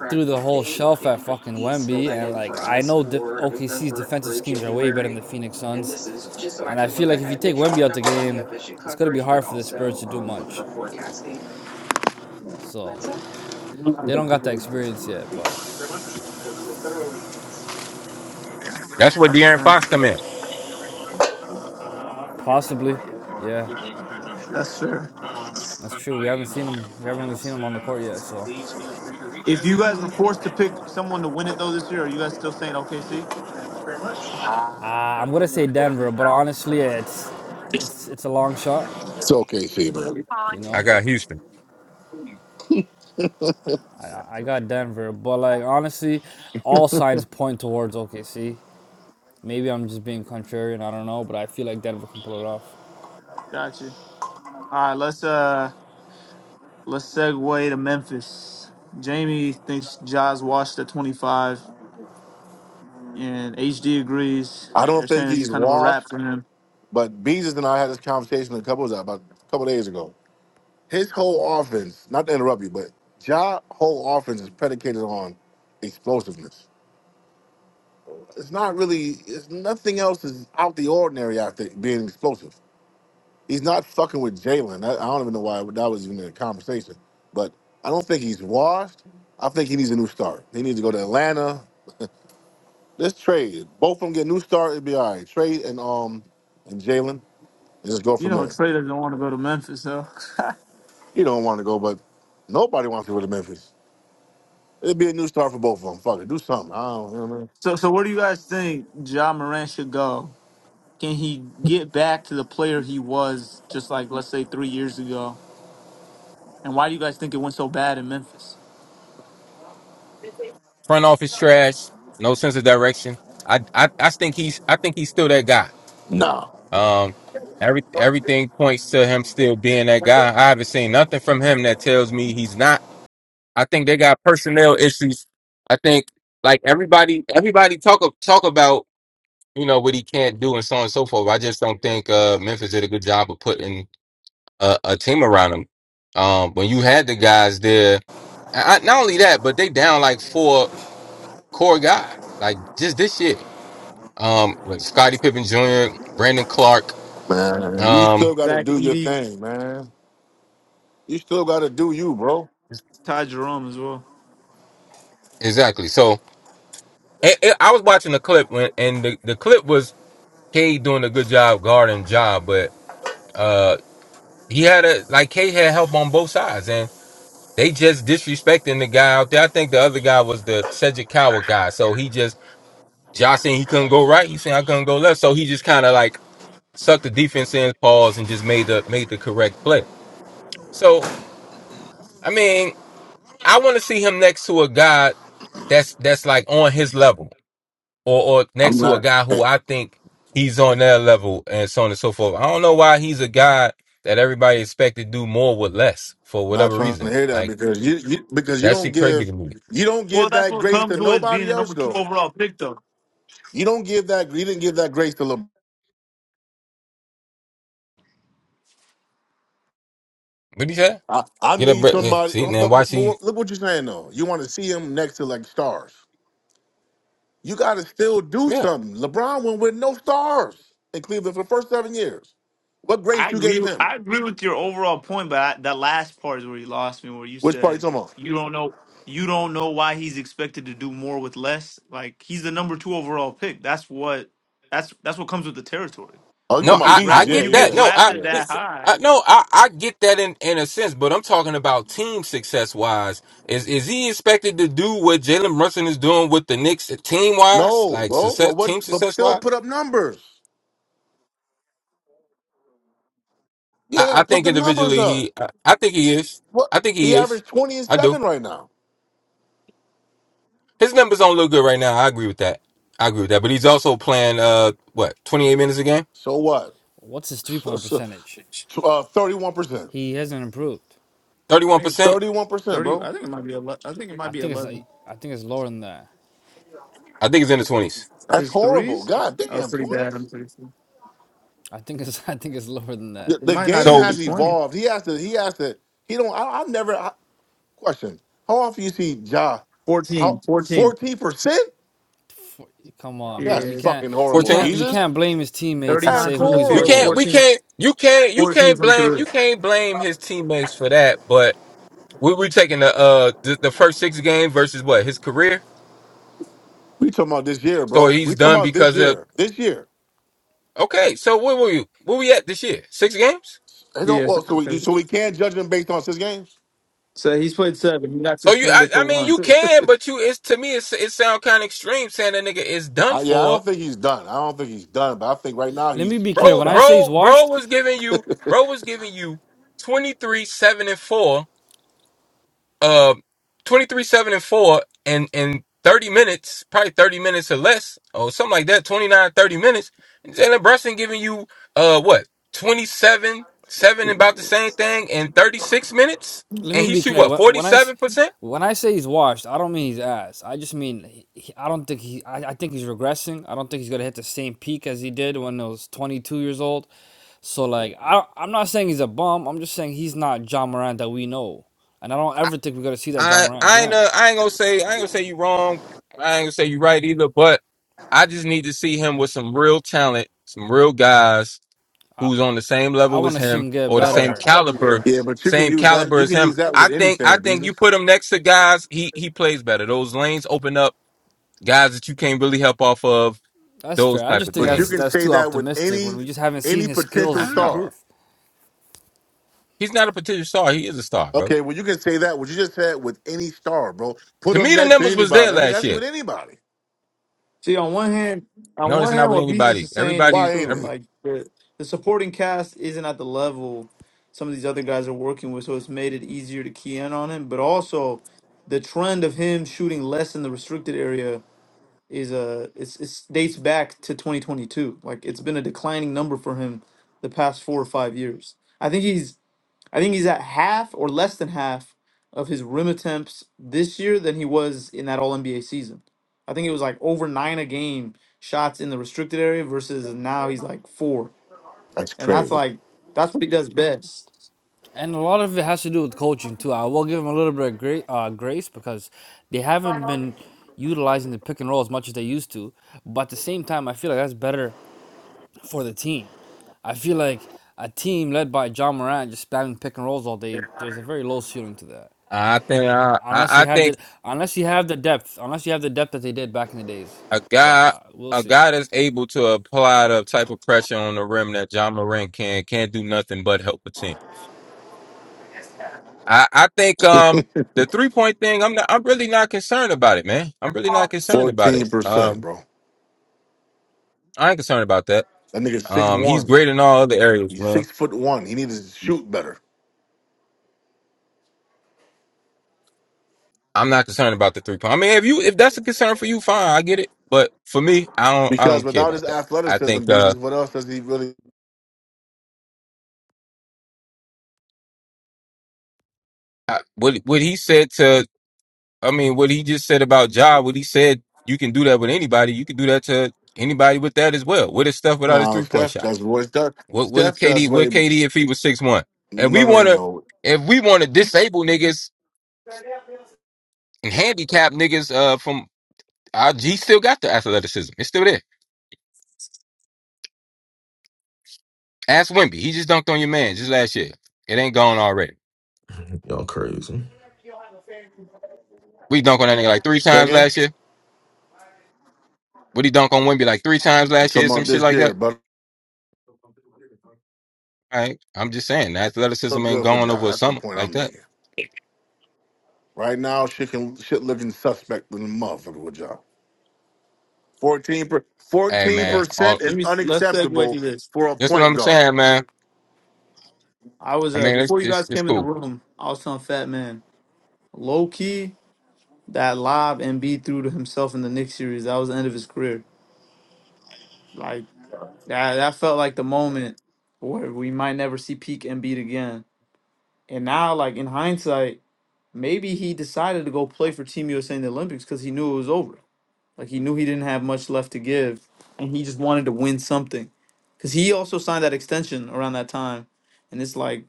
S3: threw the whole shelf at fucking Wemby, and like I know the OKC's defensive schemes are way better than the Phoenix Suns, and I feel like if you take Wemby out the game, it's gonna be hard for the Spurs to do much. So they don't got the experience yet, but
S6: That's where
S2: That's
S6: De'Aaron
S2: fair.
S6: Fox come in.
S3: Possibly. Yeah,
S2: That's fair.
S3: that's true. We haven't seen him. We haven't really seen him on the court yet. So
S2: If you guys were forced to pick someone to win it though this year, are you guys still saying OKC?
S3: uh, I'm gonna say Denver, but honestly, it's it's it's a long shot.
S8: It's OKC, man.
S3: You
S6: I
S3: know,
S6: got Houston.
S3: I I got Denver, but like honestly, all signs point towards OKC. Maybe I'm just being contrarian. I don't know, but I feel like Denver can pull it off.
S2: Gotcha. All right, let's uh let's segue to Memphis. Jamie thinks Jaws washed at twenty five, and HD agrees.
S8: I don't
S2: They're
S8: think
S2: saying it's
S8: he's
S2: kind of a wrap
S8: washed,
S2: for him.
S8: but Beezus and I had this conversation a couple about a couple days ago. His whole offense, not to interrupt you, but Ja's whole offense is predicated on explosiveness. It's not really it's nothing else is out the ordinary after being explosive. He's not fucking with Jalen. I, I don't even know why that was even a conversation. But I don't think he's washed. I think he needs a new start. He needs to go to Atlanta Let's trade. Both of them get a new start. It'd be all right. Trade and um and Jalen, and just go
S2: You
S8: from
S2: know,
S8: there.
S2: traders don't want to go to Memphis though.
S8: You don't want to go, but nobody wants to go to Memphis. It'd be a new start for both of them. Fuck it, do something. I don't you know what I
S2: so, so where do you guys think Ja Morant should go? Can he get back to the player he was just like let's say three years ago? And why do you guys think it went so bad in Memphis?
S6: Front office trash, no sense of direction. I I I think he's I think he's still that guy.
S8: mean. Nah,
S6: Um, every everything points to him still being that guy. I haven't seen nothing from him that tells me he's not. I think they got personnel issues. I think like everybody everybody talk of- talk about you know what he can't do and so on and so forth. I just don't think uh, Memphis did a good job of putting a, a team around him. Um, when you had the guys there, I, I- not only that, but they down like four core guys. Like just this year. um with Scottie Pippen Jr., Brandon Clark.
S8: man, you
S6: Um,
S8: still got to
S2: Zach
S8: do your
S2: Edey,
S8: thing, man. You still got to do you, bro.
S2: Ty Jerome as well.
S6: exactly. So it, it- I was watching the clip when, and the, the clip was Cade doing a good job guarding job, but uh, he had a like Cade had help on both sides, and they just disrespecting the guy out there. I think the other guy was the Cedric Coward guy, so he just Josh saying he couldn't go right, he saying I couldn't go left, so he just kind of like sucked the defense in, pause, and just made the made the correct play. So. I mean, I want to see him next to a guy that's that's like on his level, or or next
S8: I'm
S6: to a
S8: not
S6: guy who
S8: eh,
S6: I think he's on their level, and so on and so forth. I don't know why he's a guy that everybody expect to do more with less for
S8: not
S6: whatever
S8: trying to
S6: reason.
S8: hear that
S6: Like
S8: because you, you because you
S6: that's
S8: don't
S6: crazy
S8: give
S6: to me.
S8: you don't
S2: Well,
S8: give
S2: that's
S8: that
S2: what
S8: grace to
S2: comes with being
S8: nobody
S2: the
S8: else
S2: number two
S8: though.
S2: overall pick, though.
S8: You don't give that you didn't give that grace to LeBron.
S6: What do you say?
S8: I, I
S6: Get up,
S8: need
S6: Brett.
S8: somebody.
S6: See
S8: oh,
S6: now,
S8: But, but,
S6: watch
S8: but
S6: he.
S8: what- look what you're saying though. You want to see him next to like stars. You got to still do
S6: Yeah.
S8: something. LeBron went with no stars in Cleveland for the first seven years. What
S2: I
S8: grace you gave
S2: agree.
S8: him?
S2: I agree with your overall point, but I, that last part is where you lost me, where you
S8: Which part you
S2: said
S8: talking about?
S2: you don't know. You don't know why he's expected to do more with less. Like he's the number two overall pick. That's what. That's that's what comes with the territory.
S8: Oh, you
S2: When you
S8: talking
S6: No,
S8: about
S2: get
S6: I, I
S8: Beezus?
S2: draft, when
S8: Yeah,
S2: you
S6: get
S8: yeah,
S2: get
S6: that.
S8: yeah,
S6: No, I,
S2: drafted
S8: yeah.
S2: that
S6: listen,
S2: high,
S6: I no, I, I get that in, in a sense, but I'm talking about team success wise. Is is he expected to do what Jalen Brunson is doing with the Knicks team wise,
S8: No,
S6: like
S8: bro. But
S6: success,
S8: what?
S6: team
S8: But
S6: success
S8: still
S6: wise?
S8: put up numbers.
S6: I,
S8: Yeah,
S6: I
S8: put
S6: think
S8: the numbers
S6: individually
S8: up.
S6: he, I, I think he is.
S8: What?
S6: I think
S8: He
S6: he is.
S8: averaged twenty and
S6: I do.
S8: seven right now.
S6: His numbers don't look good right now. I agree with that. I agree with that. But he's also playing uh what 28 minutes a game,
S8: So what?
S3: What's his three point
S8: So,
S3: percentage?
S8: uh, Thirty-one percent.
S3: He hasn't improved.
S6: 31 percent.
S8: Thirty-one percent,
S2: thirty.
S8: bro.
S3: I think it's like- I think it's lower than that.
S6: I think it's in the 20s.
S8: That's
S2: His
S8: horrible.
S2: threes
S8: God
S2: are
S8: damn,
S2: pretty bad.
S8: twenties.
S2: I'm pretty sure
S3: I think it's I think it's lower than that.
S8: the,
S2: it
S8: the
S2: might not
S8: game
S2: even
S6: So
S2: be
S8: has
S2: twenty.
S8: evolved. He has to. He has to. He don't. I, I never I, question. How often you see Ja?
S2: 14,
S8: How
S2: 14.
S8: fourteen percent?
S3: Come on, man.
S8: That's
S3: We
S2: Yeah,
S3: can't
S8: fucking
S3: we
S8: horrible,
S6: 14.
S3: can't we
S8: Beezus.
S3: can't blame his teammates and
S8: That's
S2: 39
S3: say
S2: from
S3: who
S2: the
S3: he's
S6: We
S2: field,
S3: working
S6: can't,
S8: horrible.
S6: we
S3: with.
S2: 14,
S6: can't, you can't, you
S2: 14
S6: can't
S2: from
S6: blame,
S2: three.
S6: you can't blame his teammates for that. But we we taking the uh the, the first six game versus what his career.
S8: We talking about this year,
S6: So
S8: bro. We
S6: he's
S8: talking
S6: done
S8: about this
S6: because of
S8: year. This year.
S6: okay. So where were you? Where we at this year? Six games.
S8: They don't.
S2: Yeah,
S8: Well, so we
S2: something.
S8: so we can't judge him based on six games.
S2: So he's played seven. He got
S6: So you, I,
S2: suspended for
S6: I mean, you
S2: one.
S6: can, but you, it's to me, it's, it sound kind of extreme saying that nigga is done
S8: I, yeah, I
S6: for.
S8: don't think he's done. I don't think he's done, but I think right now
S3: Let me
S8: he's
S3: be clear.
S6: Bro,
S8: fucked
S3: When I
S8: up.
S3: say he's
S6: bro, bro
S3: washed,
S6: was giving you, bro was giving you 23, 7 and 4 uh, 23 7 and 4 and in 30 minutes probably 30 minutes or less or something like that 29, 30 minutes and jalen brunson giving you uh what 27 7 about the same thing in 36 minutes
S3: let
S6: and
S3: me
S6: he
S3: be
S6: shoot
S3: clear.
S6: what
S3: When, I
S6: 47 percent
S3: when I say he's washed, I don't mean he's ass. I just mean he, I don't think he. I, I think he's regressing. I don't think he's gonna hit the same peak as he did when he was 22 years old. So like I I'm not saying he's a bum. I'm just saying he's not John Moran that we know, and I don't ever think we're gonna see that John
S6: I
S3: Moran
S6: I ain't
S3: again.
S6: uh, I ain't gonna say I ain't gonna say you wrong. I ain't gonna say you right either. But I just need to see him with some real talent, some real guys
S3: I
S6: who's on the same
S3: I
S6: level as
S3: want to see
S6: him
S3: him get
S6: or the same
S3: better.
S6: caliber,
S8: Yeah, but you can
S6: same
S8: use that.
S6: caliber
S8: You
S6: as
S8: can
S6: him.
S8: use that
S6: I
S8: with
S6: think I
S8: anything,
S6: think
S8: Beezus.
S6: you put him next to guys he he plays better. Those lanes open up, guys that you can't really help off of
S3: That's
S6: those
S3: fair. I
S6: type
S3: just
S6: of
S3: think
S8: But you
S6: things.
S3: that's
S8: can
S3: that's
S8: say
S3: too
S8: that with
S3: optimistic when
S8: any
S3: we just haven't seen
S8: any
S3: his
S8: potential
S6: I
S3: skills
S6: don't know.
S3: improve.
S8: star.
S6: He's not a potential star. He is a star, bro.
S8: Okay, well, you can say that. What you just said with any star, bro. Put
S6: To
S8: them
S6: me, the
S8: next to
S6: numbers was there
S8: anybody. I mean,
S6: last
S8: that's
S6: year.
S8: with anybody.
S2: See, on one hand, on
S6: No, that's
S2: one
S6: not
S2: hand,
S6: with
S2: what Beezus
S6: anybody.
S2: is saying is
S6: Everybody,
S8: Why ain't
S2: true.
S6: every.
S8: it?
S2: Like the the supporting cast isn't at the level some of these other guys are working with, so it's made it easier to key in on him. But also, the trend of him shooting less in the restricted area is uh, it's it dates back to 2022. Like it's been a declining number for him the past four or five years. I think he's I think he's at half or less than half of his rim attempts this year than he was in that All NBA season. I think it was like over nine a game shots in the restricted area versus now he's like four,
S8: That's
S2: and that's
S8: crazy.
S2: like that's what he does best.
S3: And a lot of it has to do with coaching too. I will give him a little bit of great uh, grace because they haven't been utilizing the pick and roll as much as they used to. But at the same time, I feel like that's better for the team. I feel like a team led by John Morant just spamming pick and rolls all day. There's a very low ceiling to that,
S6: I think I, I
S3: unless you
S6: I
S3: have
S6: think
S3: the unless you have the depth, unless you have the depth that they did back in the days.
S6: A
S3: But
S6: guy,
S3: uh, we'll
S6: a
S3: see.
S6: guy that's able to apply the type of pressure on the rim that John Morant can, can't do nothing but help a team. I, I think um the three point thing, I'm not, I'm really not concerned about it, man. I'm really not concerned about it.
S8: Fourteen percent,
S6: Um,
S8: bro.
S6: I ain't concerned about that.
S8: That nigga six
S6: Um, he's
S8: one.
S6: great in all other areas,
S8: He's
S6: man.
S8: six foot one. He needs to shoot better
S6: I'm not concerned about the three point. I mean, if you if that's a concern for you, fine, I get it. But for me, I don't I
S8: because
S6: don't care
S8: without
S6: about
S8: his
S6: that. I
S8: athleticism,
S6: think uh
S8: Beezus, what else does he really?
S6: I, what what he said to I mean, what he just said about Ja, what he said, you can do that with anybody. You can do that to anybody with that as well. What is stuff without his
S8: No,
S6: three point
S8: Steph
S6: shot?
S8: does. What does
S6: What was
S8: Steph does
S6: KD?
S8: way
S6: What
S8: more.
S6: KD if he was six one? If we
S8: No, no,
S6: want
S8: no,
S6: to,
S8: no.
S6: if we want to disable niggas and handicap niggas, uh, from our G still got the athleticism. It's still there. Ask Wimby. He just dunked on your man just last year. It ain't gone already.
S5: y'all crazy.
S6: We dunked on that nigga like three times
S8: Second,
S6: last year. What he dunk on Wimby like three times
S8: you
S6: last year?
S8: talking
S6: Some
S8: about
S6: shit
S8: this
S6: like
S8: year,
S6: that.
S8: but
S6: All right. I'm just saying, the athleticism
S8: look
S6: ain't
S8: good for
S6: gone
S8: Ja.
S6: over a
S8: That's the
S6: summer
S8: point
S6: like
S8: I'm
S6: that.
S8: making. Right now, shit can shit looking suspect in the motherfucker with Ja. 14
S6: Hey
S2: Let
S6: man, all
S8: percent
S2: let
S8: is
S2: me let's segue to
S8: unacceptable
S2: this.
S8: for a
S6: That's what
S8: point
S6: I'm
S8: guard.
S6: saying, man.
S2: I was
S6: I
S2: uh
S6: mean, it's
S2: before you
S6: it's,
S2: guys
S6: it's
S2: came in the
S6: cool.
S2: room, I was telling Fat Man low key that lob Embiid threw to himself in the Knicks series. That was the end of his career. Like that that felt like the moment where we might never see peak Embiid again And now, like in hindsight, maybe he decided to go play for Team USA in the Olympics because he knew it was over. Like he knew he didn't have much left to give, and he just wanted to win something. Because he also signed that extension around that time, and it's like,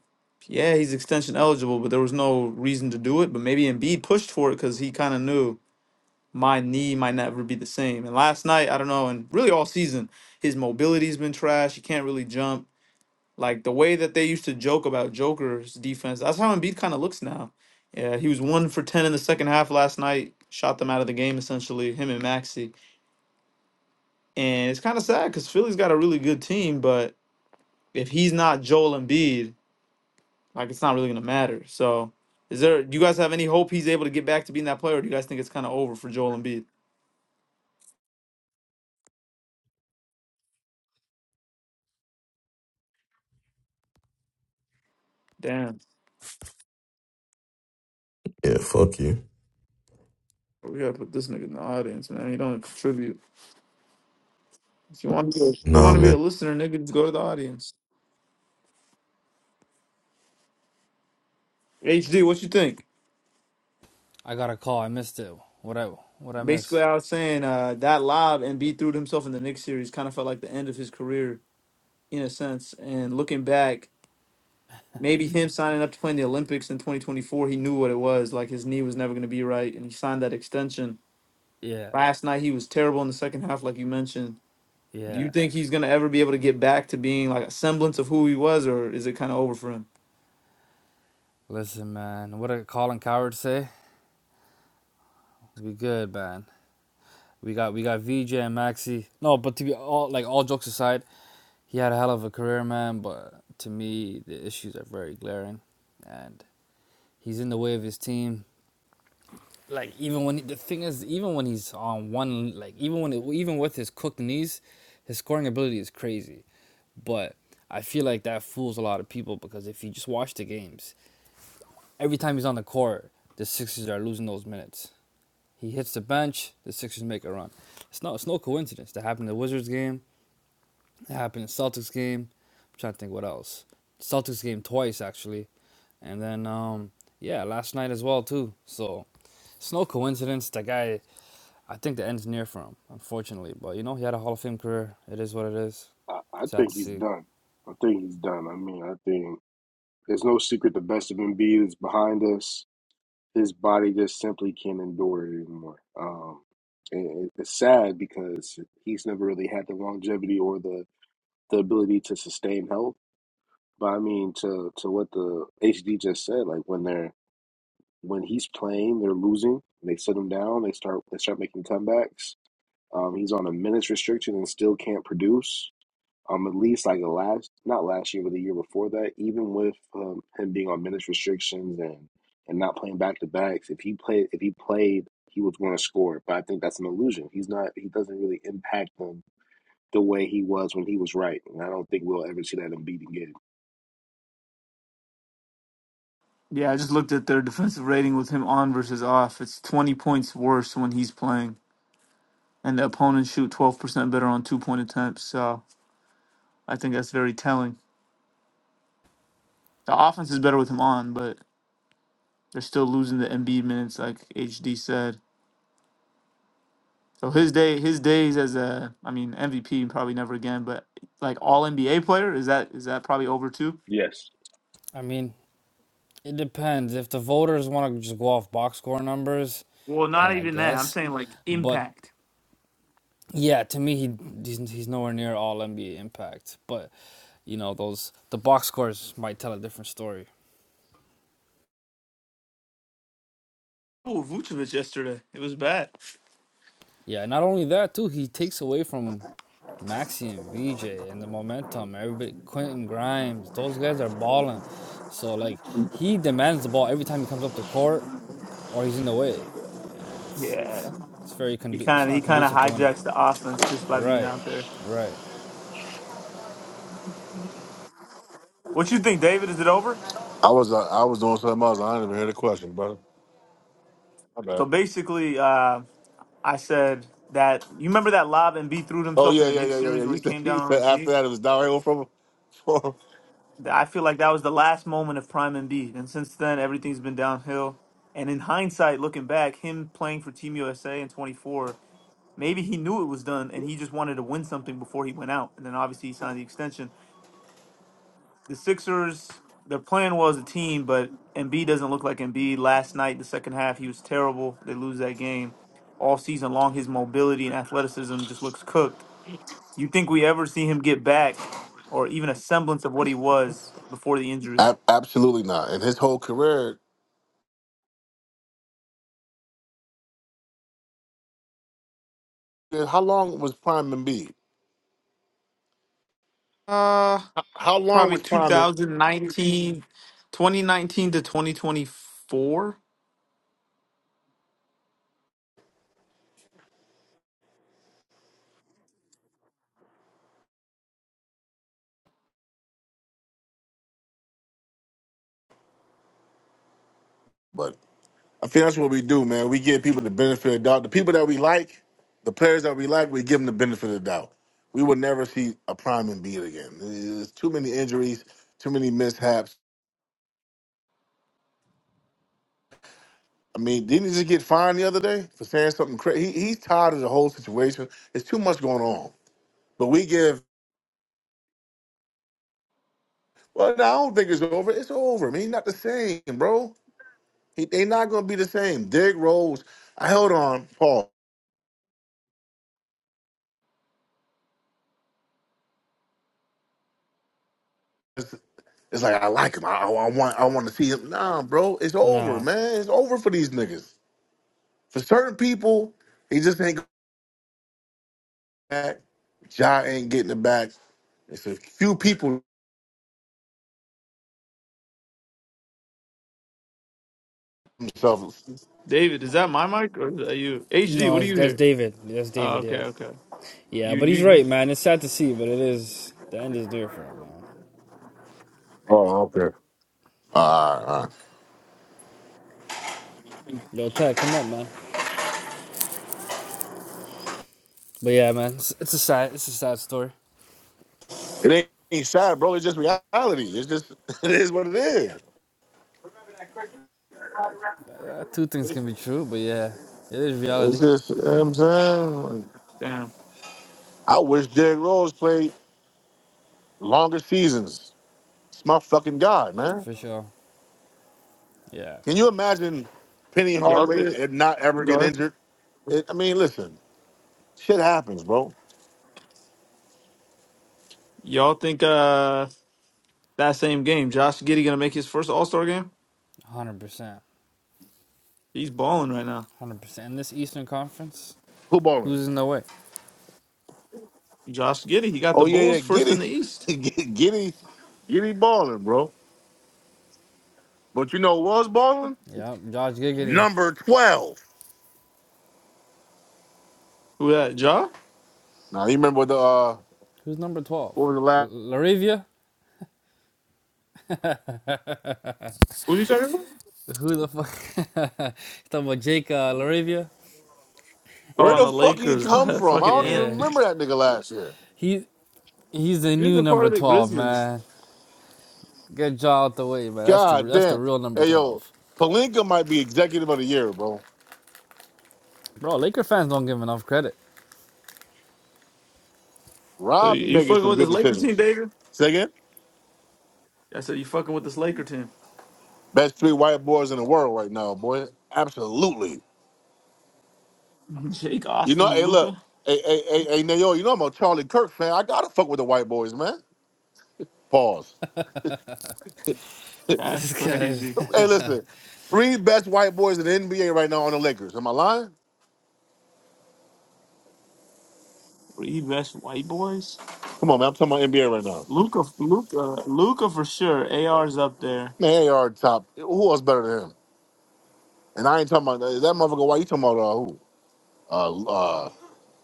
S2: yeah, he's extension eligible, but there was no reason to do it. But maybe Embiid pushed for it because he kind of knew my knee might never be the same. And last night, I don't know, and really all season, his mobility's been trash. He can't really jump. Like the way that they used to joke about Joker's defense, that's how Embiid kind of looks now. Yeah, he was one for ten in the second half last night. Shot them out of the game essentially, him and Maxi. And it's kind of sad because Philly's got a really good team, but if he's not Joel Embiid, like it's not really gonna matter. So, is there? Do you guys have any hope he's able to get back to being that player? Or do you guys think it's kind of over for Joel Embiid? Damn,
S5: Yeah, fuck you.
S2: we gotta put this nigga in the audience, man. He don't contribute. If you want to, if you
S5: Nah,
S2: want to be a
S5: man.
S2: listener, nigga, just go to the audience. HD, what you think?
S3: I got a call. I missed it. What I what I miss?
S2: Basically, I was saying uh, that lob and B threw to himself in the Knicks series kind of felt like the end of his career in a sense. And looking back, maybe him signing up to play in the Olympics in 2024, he knew what it was. Like his knee was never going to be right, and he signed that extension.
S3: Yeah,
S2: Last night, he was terrible in the second half, like you mentioned. Do
S3: yeah.
S2: you think he's going to ever be able to get back to being like a semblance of who he was, or is it kind of over for him?
S3: Listen, man, what did Colin Coward say? We good, man. We got we got VJ and Maxi. No, but to be all like all jokes aside, he had a hell of a career, man. But to me, the issues are very glaring, and he's in the way of his team. Like even when he, the thing is, even when he's on one, like even when it, even with his cooked knees, his scoring ability is crazy. But I feel like that fools a lot of people because if you just watch the games, every time he's on the court, the Sixers are losing those minutes. He hits the bench. The Sixers make a run. It's not. It's no coincidence. That happened in the Wizards game. That happened in the Celtics game. I'm trying to think what else. Celtics game twice actually, and then um yeah last night as well too. So it's no coincidence. That guy. I think the end's near for him, unfortunately. But you know he had a Hall of Fame career. It is what it is.
S7: I, I
S3: Sad
S7: think
S3: to
S7: he's
S3: see.
S7: done. I think he's done. I mean, I think there's no secret the best of Embiid is behind us. His body just simply can't endure it anymore. Um, and it- it's sad because he's never really had the longevity or the, the ability to sustain health. But I mean, to to what the HD just said, like when they're when he's playing, they're losing. They sit him down. They start they start making comebacks. Um, he's on a minutes restriction and still can't produce um, at least like the last, not last year, but the year before that, even with um, him being on minutes restrictions and and not playing back to backs, if he played, if he played, he was going to score. But I think that's an illusion. He's not. He doesn't really impact them the way he was when he was right, and I don't think we'll ever see that in beating game.
S2: Yeah, I just looked at their defensive rating with him on versus off. It's 20 points worse when he's playing, and the opponents shoot 12% better on two point attempts. So. I think that's very telling. The offense is better with him on, but they're still losing the Embiid minutes, like HD said. So his day, his days as a, I mean, MVP probably never again, but like All NBA player is that is that probably over too?
S7: Yes.
S3: I mean, it depends. If the voters want to just go off box score numbers,
S2: Well,
S3: then
S2: not
S3: I
S2: even that. I'm
S3: guess.
S2: saying like
S3: But
S2: impact.
S3: yeah, to me, he he's, he's nowhere near all NBA impact. But you know those the box scores might tell a different story.
S2: Oh, Vucevic yesterday, it was bad.
S3: Yeah, not only that too, he takes away from Maxi and VJ and the momentum. Everybody, Quentin Grimes, those guys are balling. So like he demands the ball every time he comes up the court or he's in the way. And it's
S2: Yeah,
S3: it's it's very
S2: he
S3: condu- it's
S2: kind of he
S3: not
S2: kind of
S3: conducive to winning.
S2: hijacks the offense just by being
S3: Right,
S2: out there.
S3: right.
S2: What you think, David? Is it over?
S8: I was uh, I was doing something else. I didn't even hear the question, brother. My bad.
S2: So basically, uh, I said that you remember that lob and B threw to
S8: Oh
S2: himself in
S8: yeah,
S2: the
S8: yeah,
S2: Knicks
S8: yeah, yeah, yeah.
S2: series where
S8: You
S2: he
S8: said
S2: came
S8: you
S2: down on
S8: said
S2: his
S8: after
S2: knee.
S8: that it was downhill from from
S2: Th- I feel like that was the last moment of Prime MB, and since then everything's been downhill. And in hindsight, looking back, him playing for Team USA in 24, maybe he knew it was done, and he just wanted to win something before he went out. And then obviously he signed the extension. The Sixers, their plan was a team, but MB doesn't look like MB. Last night, the second half, he was terrible. They lose that game. All season long, his mobility and athleticism just looks cooked. You think we ever see him get back, or even a semblance of what he was before the injury?
S8: Ab- absolutely not. And his whole career, how long was Prime Embiid?
S2: Uh,
S8: How how long
S2: probably
S8: was Prime? Embiid?
S2: 2019, 2019 to 2024.
S8: I think that's what we do, man. We give people the benefit of the doubt. The people that we like, the players that we like, we give them the benefit of the doubt. We will never see a prime and beat again. There's too many injuries, too many mishaps. I mean, didn't he just get fined the other day for saying something crazy? He, he's tired of the whole situation. It's too much going on. But we give, well, no, I don't think it's over. It's over. I mean, he's not the same, bro. He, they not going to be the same. Derrick Rose, I held on, Paul. It's like I like him. I, I, I want I want to see him. Nah, bro, it's over,
S3: Nah,
S8: man. It's over for these niggas. For certain people, he just ain't going back. Ja ain't getting it back. It's a few people themselves.
S2: David, is that my mic or is that you? HD,
S3: no,
S2: what do
S3: that's,
S2: you
S3: that's
S2: hear?
S3: David. That's
S2: Oh,
S3: David.
S2: okay,
S3: Yeah.
S2: okay.
S3: Yeah,
S2: You,
S3: but he's
S2: you,
S3: right, man. It's sad to see, but it is the end is near for him, man.
S8: Oh, okay. Uh, uh,
S3: Yo, Ted, come up, man. But yeah, man, it's, it's a sad, it's a sad story.
S8: it ain't, ain't sad, bro. It's just reality. It's just it is what it is.
S3: Uh, two things can be true, but yeah, it is
S8: It's
S3: reality
S8: just you know what I'm saying. Like,
S2: damn.
S8: I wish Derrick Rose played longer seasons. It's my fucking guy, man.
S3: for sure. Yeah,
S8: Can you imagine Penny
S2: Y'all
S8: Hardaway
S2: think,
S8: and not ever
S2: go
S8: get
S2: ahead.
S8: injured? It, I mean, listen, shit happens, bro.
S2: Y'all think, uh, that same game, Josh Giddey gonna make his first All Star game?
S3: hundred percent,
S2: He's balling right now.
S3: hundred percent. In this Eastern Conference,
S8: Who balling?
S3: who's in the way?
S2: Josh Giddey, he got
S8: Oh
S2: the
S8: yeah, yeah,
S2: Bulls first in
S8: Giddy,
S2: the East.
S8: Giddy, Giddy Giddy balling, bro. But you know who was balling?
S3: Yeah, Josh Giggity.
S8: number twelve.
S2: Who that, Ja?
S8: Now you remember the uh,
S3: Who's number twelve?
S8: What was the
S3: L-
S8: last?
S3: Laravia.
S2: Who are you talking about?
S3: Who the fuck? talking about Jake uh, Laravia.
S2: Oh,
S8: where
S2: on
S8: the
S2: the
S8: fuck he
S2: Lakers,
S8: come
S2: the
S8: from? I
S2: fucking
S8: don't even
S2: ant.
S3: Yeah,
S8: remember that nigga last year.
S3: he he's the
S2: He was
S3: new
S2: a part
S3: number
S2: of the
S3: twelve,
S2: Grizzlies.
S3: man. Get Jaw out the way, man. That's the
S8: God
S3: that's the
S8: damn.
S3: real number
S8: Hey yo,
S3: twelve,
S8: Palinka might be executive of the year, bro.
S3: bro. Laker fans don't give him enough credit.
S2: So
S8: Rob
S2: you,
S8: be
S2: you
S8: making
S2: fucking
S8: some
S2: with this
S8: good
S2: Lakers team,
S8: decisions.
S2: David?
S8: Say again?
S2: I said you fucking with this Laker team.
S8: Best three white boys in the world right now, boy. Absolutely.
S2: Jake
S8: You know,
S2: Austin and
S8: hey, look,
S2: Luca.
S8: hey, hey, hey, hey Nayo, you know I'm a Charlie Kirk fan. I gotta fuck with the white boys, man. Pause.
S2: That's crazy.
S8: Hey, listen, three best white boys in the NBA right now on the Lakers. Am I lying?
S2: Three best white boys.
S8: Come on, man. I'm talking about NBA right now.
S2: Luca, Luca, Luca for sure. AR's up there.
S8: Man, they are top. Who else better than him? And I ain't talking about is that motherfucker. Why you talking about uh, who? Uh, uh,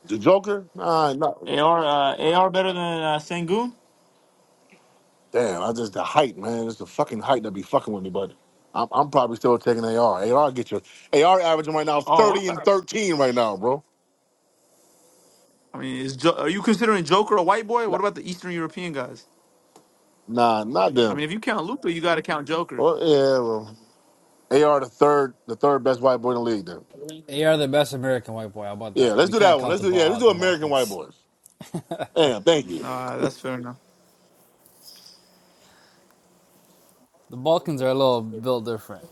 S8: the Joker? Nah, no.
S2: AR, uh, AR better than uh, Sengun.
S8: Damn, I just the height, man. It's the fucking height that be fucking with me, but I'm, I'm probably still taking AR. AR get you. AR averaging right now
S2: Oh, what
S8: 30 and
S2: about?
S8: 13 right now, bro.
S2: I mean, is jo- are you considering Joker a white boy?
S8: Nah,
S2: What about the Eastern European guys?
S8: nah, not
S2: I mean,
S8: them.
S2: if you count Luca, you got to count Joker.
S8: Well, yeah, well, AR the third, the third best white boy in the league. Then.
S3: They are the best American white boy. How about
S8: Yeah,
S3: that?
S8: let's
S3: We
S8: do
S3: can't
S8: that one.
S3: count
S8: Let's
S3: the
S8: do yeah,
S3: ball
S8: let's
S3: out
S8: do
S3: the
S8: American white
S3: Balkans.
S8: boys. Damn, thank you.
S2: Uh, that's fair enough.
S3: The Balkans are a little built different.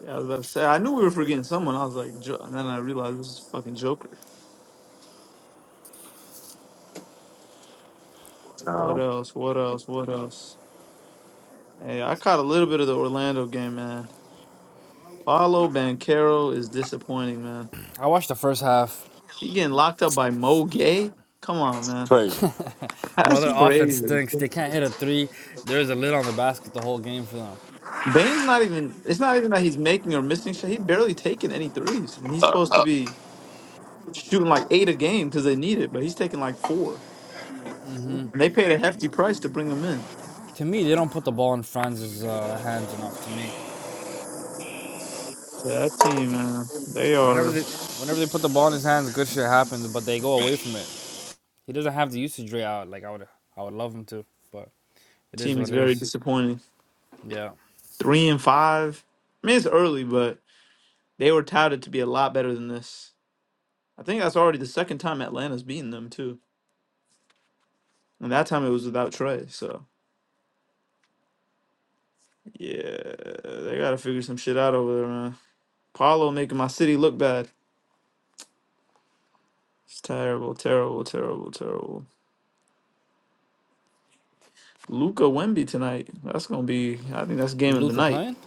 S2: Yeah, I was about to say. I knew we were forgetting someone. I was like, jo- and then I realized this is fucking Joker. What
S8: Um,
S2: else? What else? What else? Hey, I caught a little bit of the Orlando game, man. Paolo Banquero is disappointing, man.
S3: I watched the first half.
S2: He getting locked up by Mo Gay? Come on, man.
S8: crazy.
S3: Bro,
S2: That's
S3: their offense
S2: crazy.
S3: stinks. They can't hit a three. There's a lid on the basket the whole game for them.
S2: Bane's not even it's not even that he's making or missing shit. He barely taking any threes. And he's supposed to be shooting like eight a game because they need it, but he's taking like four. And they paid a hefty price to bring him in.
S3: To me, they don't put the ball in Franz's uh, hands enough. To me,
S2: Yeah, that team, man. They
S3: whenever
S2: are
S3: they whenever they put the ball in his hands, good shit happens. But they go away from it. He doesn't have the usage rate out. Like I would, I would love him to. But it is
S2: team is
S3: what it
S2: very
S3: is.
S2: disappointing.
S3: Yeah.
S2: Three and five. I mean it's early, but they were touted to be a lot better than this. I think that's already the second time Atlanta's beaten them too, and that time it was without Trey. So yeah, they gotta figure some shit out over there, man. Paolo making my city look bad. It's terrible, terrible, terrible, terrible. Luca Wemby tonight. That's gonna be. I think that's
S3: Is
S2: game of the
S3: Luca
S2: night.
S3: playing?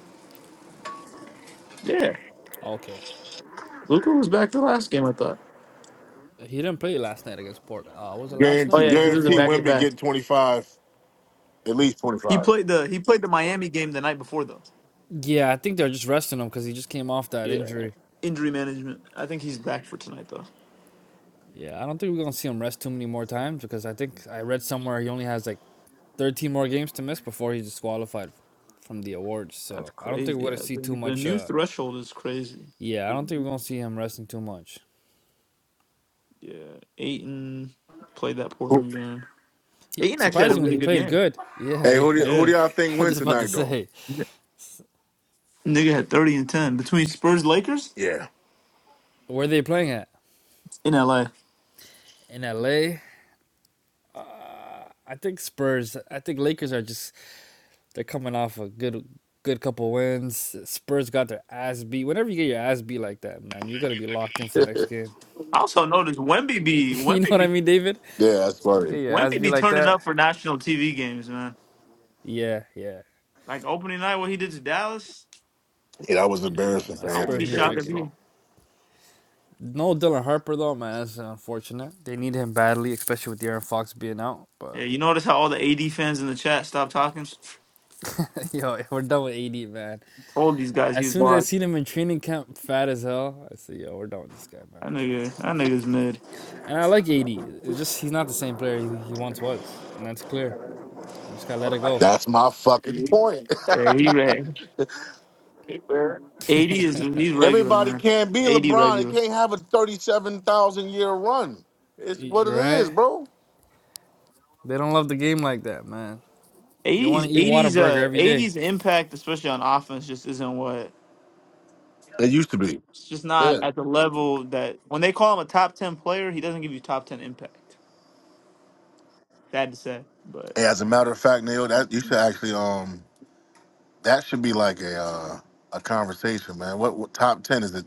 S2: Yeah,
S3: Okay.
S2: Luca was back the last game. I thought.
S3: He didn't play last night against Portland. Uh, was it last night
S2: Oh
S3: or
S8: Guarantee,
S3: the
S2: yeah,
S3: night
S2: because it was a
S3: before?
S8: guarantee
S2: back to
S8: Wimby
S2: back.
S8: get 25, at least
S2: He
S8: 25.
S2: played the he played the Miami game the night before though.
S3: Yeah, I think they're just resting him because he just came off that
S2: Yeah,
S3: injury.
S2: injury management. I think he's back for tonight though.
S3: Yeah, I don't think we're gonna see him rest too many more times because I think I read somewhere he only has like 13 more games to miss before he's disqualified from the awards.
S2: That's
S3: So I don't think we're
S2: crazy.
S3: gonna
S2: Yeah,
S3: see too
S2: the, the
S3: much.
S2: new
S3: Uh,
S2: threshold is crazy.
S3: yeah, I don't think we're gonna see him resting too much.
S2: Yeah, Aiton played that
S8: Who-
S2: Portland game.
S3: He,
S2: Aiton actually had a
S3: surprisingly,
S2: really
S3: he
S2: good
S3: played
S2: game.
S3: good. Yeah,
S8: Hey,
S3: yeah.
S8: who do, who
S2: Yeah,
S8: do y'all
S3: I
S8: think
S3: was
S8: win
S3: just about to
S8: tonight though?
S3: say,
S2: nigga had thirty and ten between Spurs Lakers
S8: Yeah,
S3: where are they playing at?
S2: in LA.
S3: In L. A. I think Spurs. I think Lakers are just They're coming off a good good couple wins. Spurs got their ass beat. Whenever you get your ass beat like that, man, you're gonna be locked in for the next game.
S2: I also noticed Wemby be
S3: you know
S2: Wemby
S3: what I
S2: be
S3: mean, David?
S8: yeah, that's
S3: You
S8: funny.
S3: get your ass
S2: Wemby
S3: beat
S2: be
S3: like
S2: turning
S3: that.
S2: up for national TV games, man.
S3: Yeah, yeah,
S2: Like opening night, what he did to Dallas.
S8: Yeah, that was
S3: yeah,
S8: embarrassing
S3: man.
S8: for
S2: I won't
S3: Spurs
S2: be
S8: Anthony
S3: need to
S2: shocked
S8: Davis
S2: if
S3: get.
S8: though.
S2: he.
S3: No Dylan Harper though, man. That's unfortunate. They need him badly, especially with Aaron Fox being out.
S2: Yeah,
S3: But
S2: you notice how all the AD fans in the chat stopped talking.
S3: yo, we're done with AD, man.
S2: Told these guys he
S3: As
S2: was
S3: soon as I
S2: wild.
S3: seen him in training camp, fat as hell, I said, yo, we're done with this guy, man.
S2: That nigga, that nigga's mid.
S3: And I like AD. It's just he's not the same player he, he once was, and that's clear. You just gotta let it go.
S8: That's my fucking point.
S2: Yeah, he reg. AD is he's regular,
S8: Everybody
S2: man.
S8: can't be
S2: AD
S8: LeBron. It
S2: regular.
S8: can't have a 37,000 year run. It's what it is,
S3: Right?
S8: bro.
S3: They don't love the game like that, man. They want
S2: 80s
S3: to eat
S2: 80s
S3: Whataburger
S2: uh
S3: every day.
S2: 80s impact especially on offense just isn't what
S8: It used to be.
S2: it's just not
S8: Yeah.
S2: at the level that when they call him a top 10 player he doesn't give you top 10 impact sad to say but
S8: Hey, as a matter of fact, Neil, that you should actually um that should be like a uh, a conversation, man. What, what top ten is it?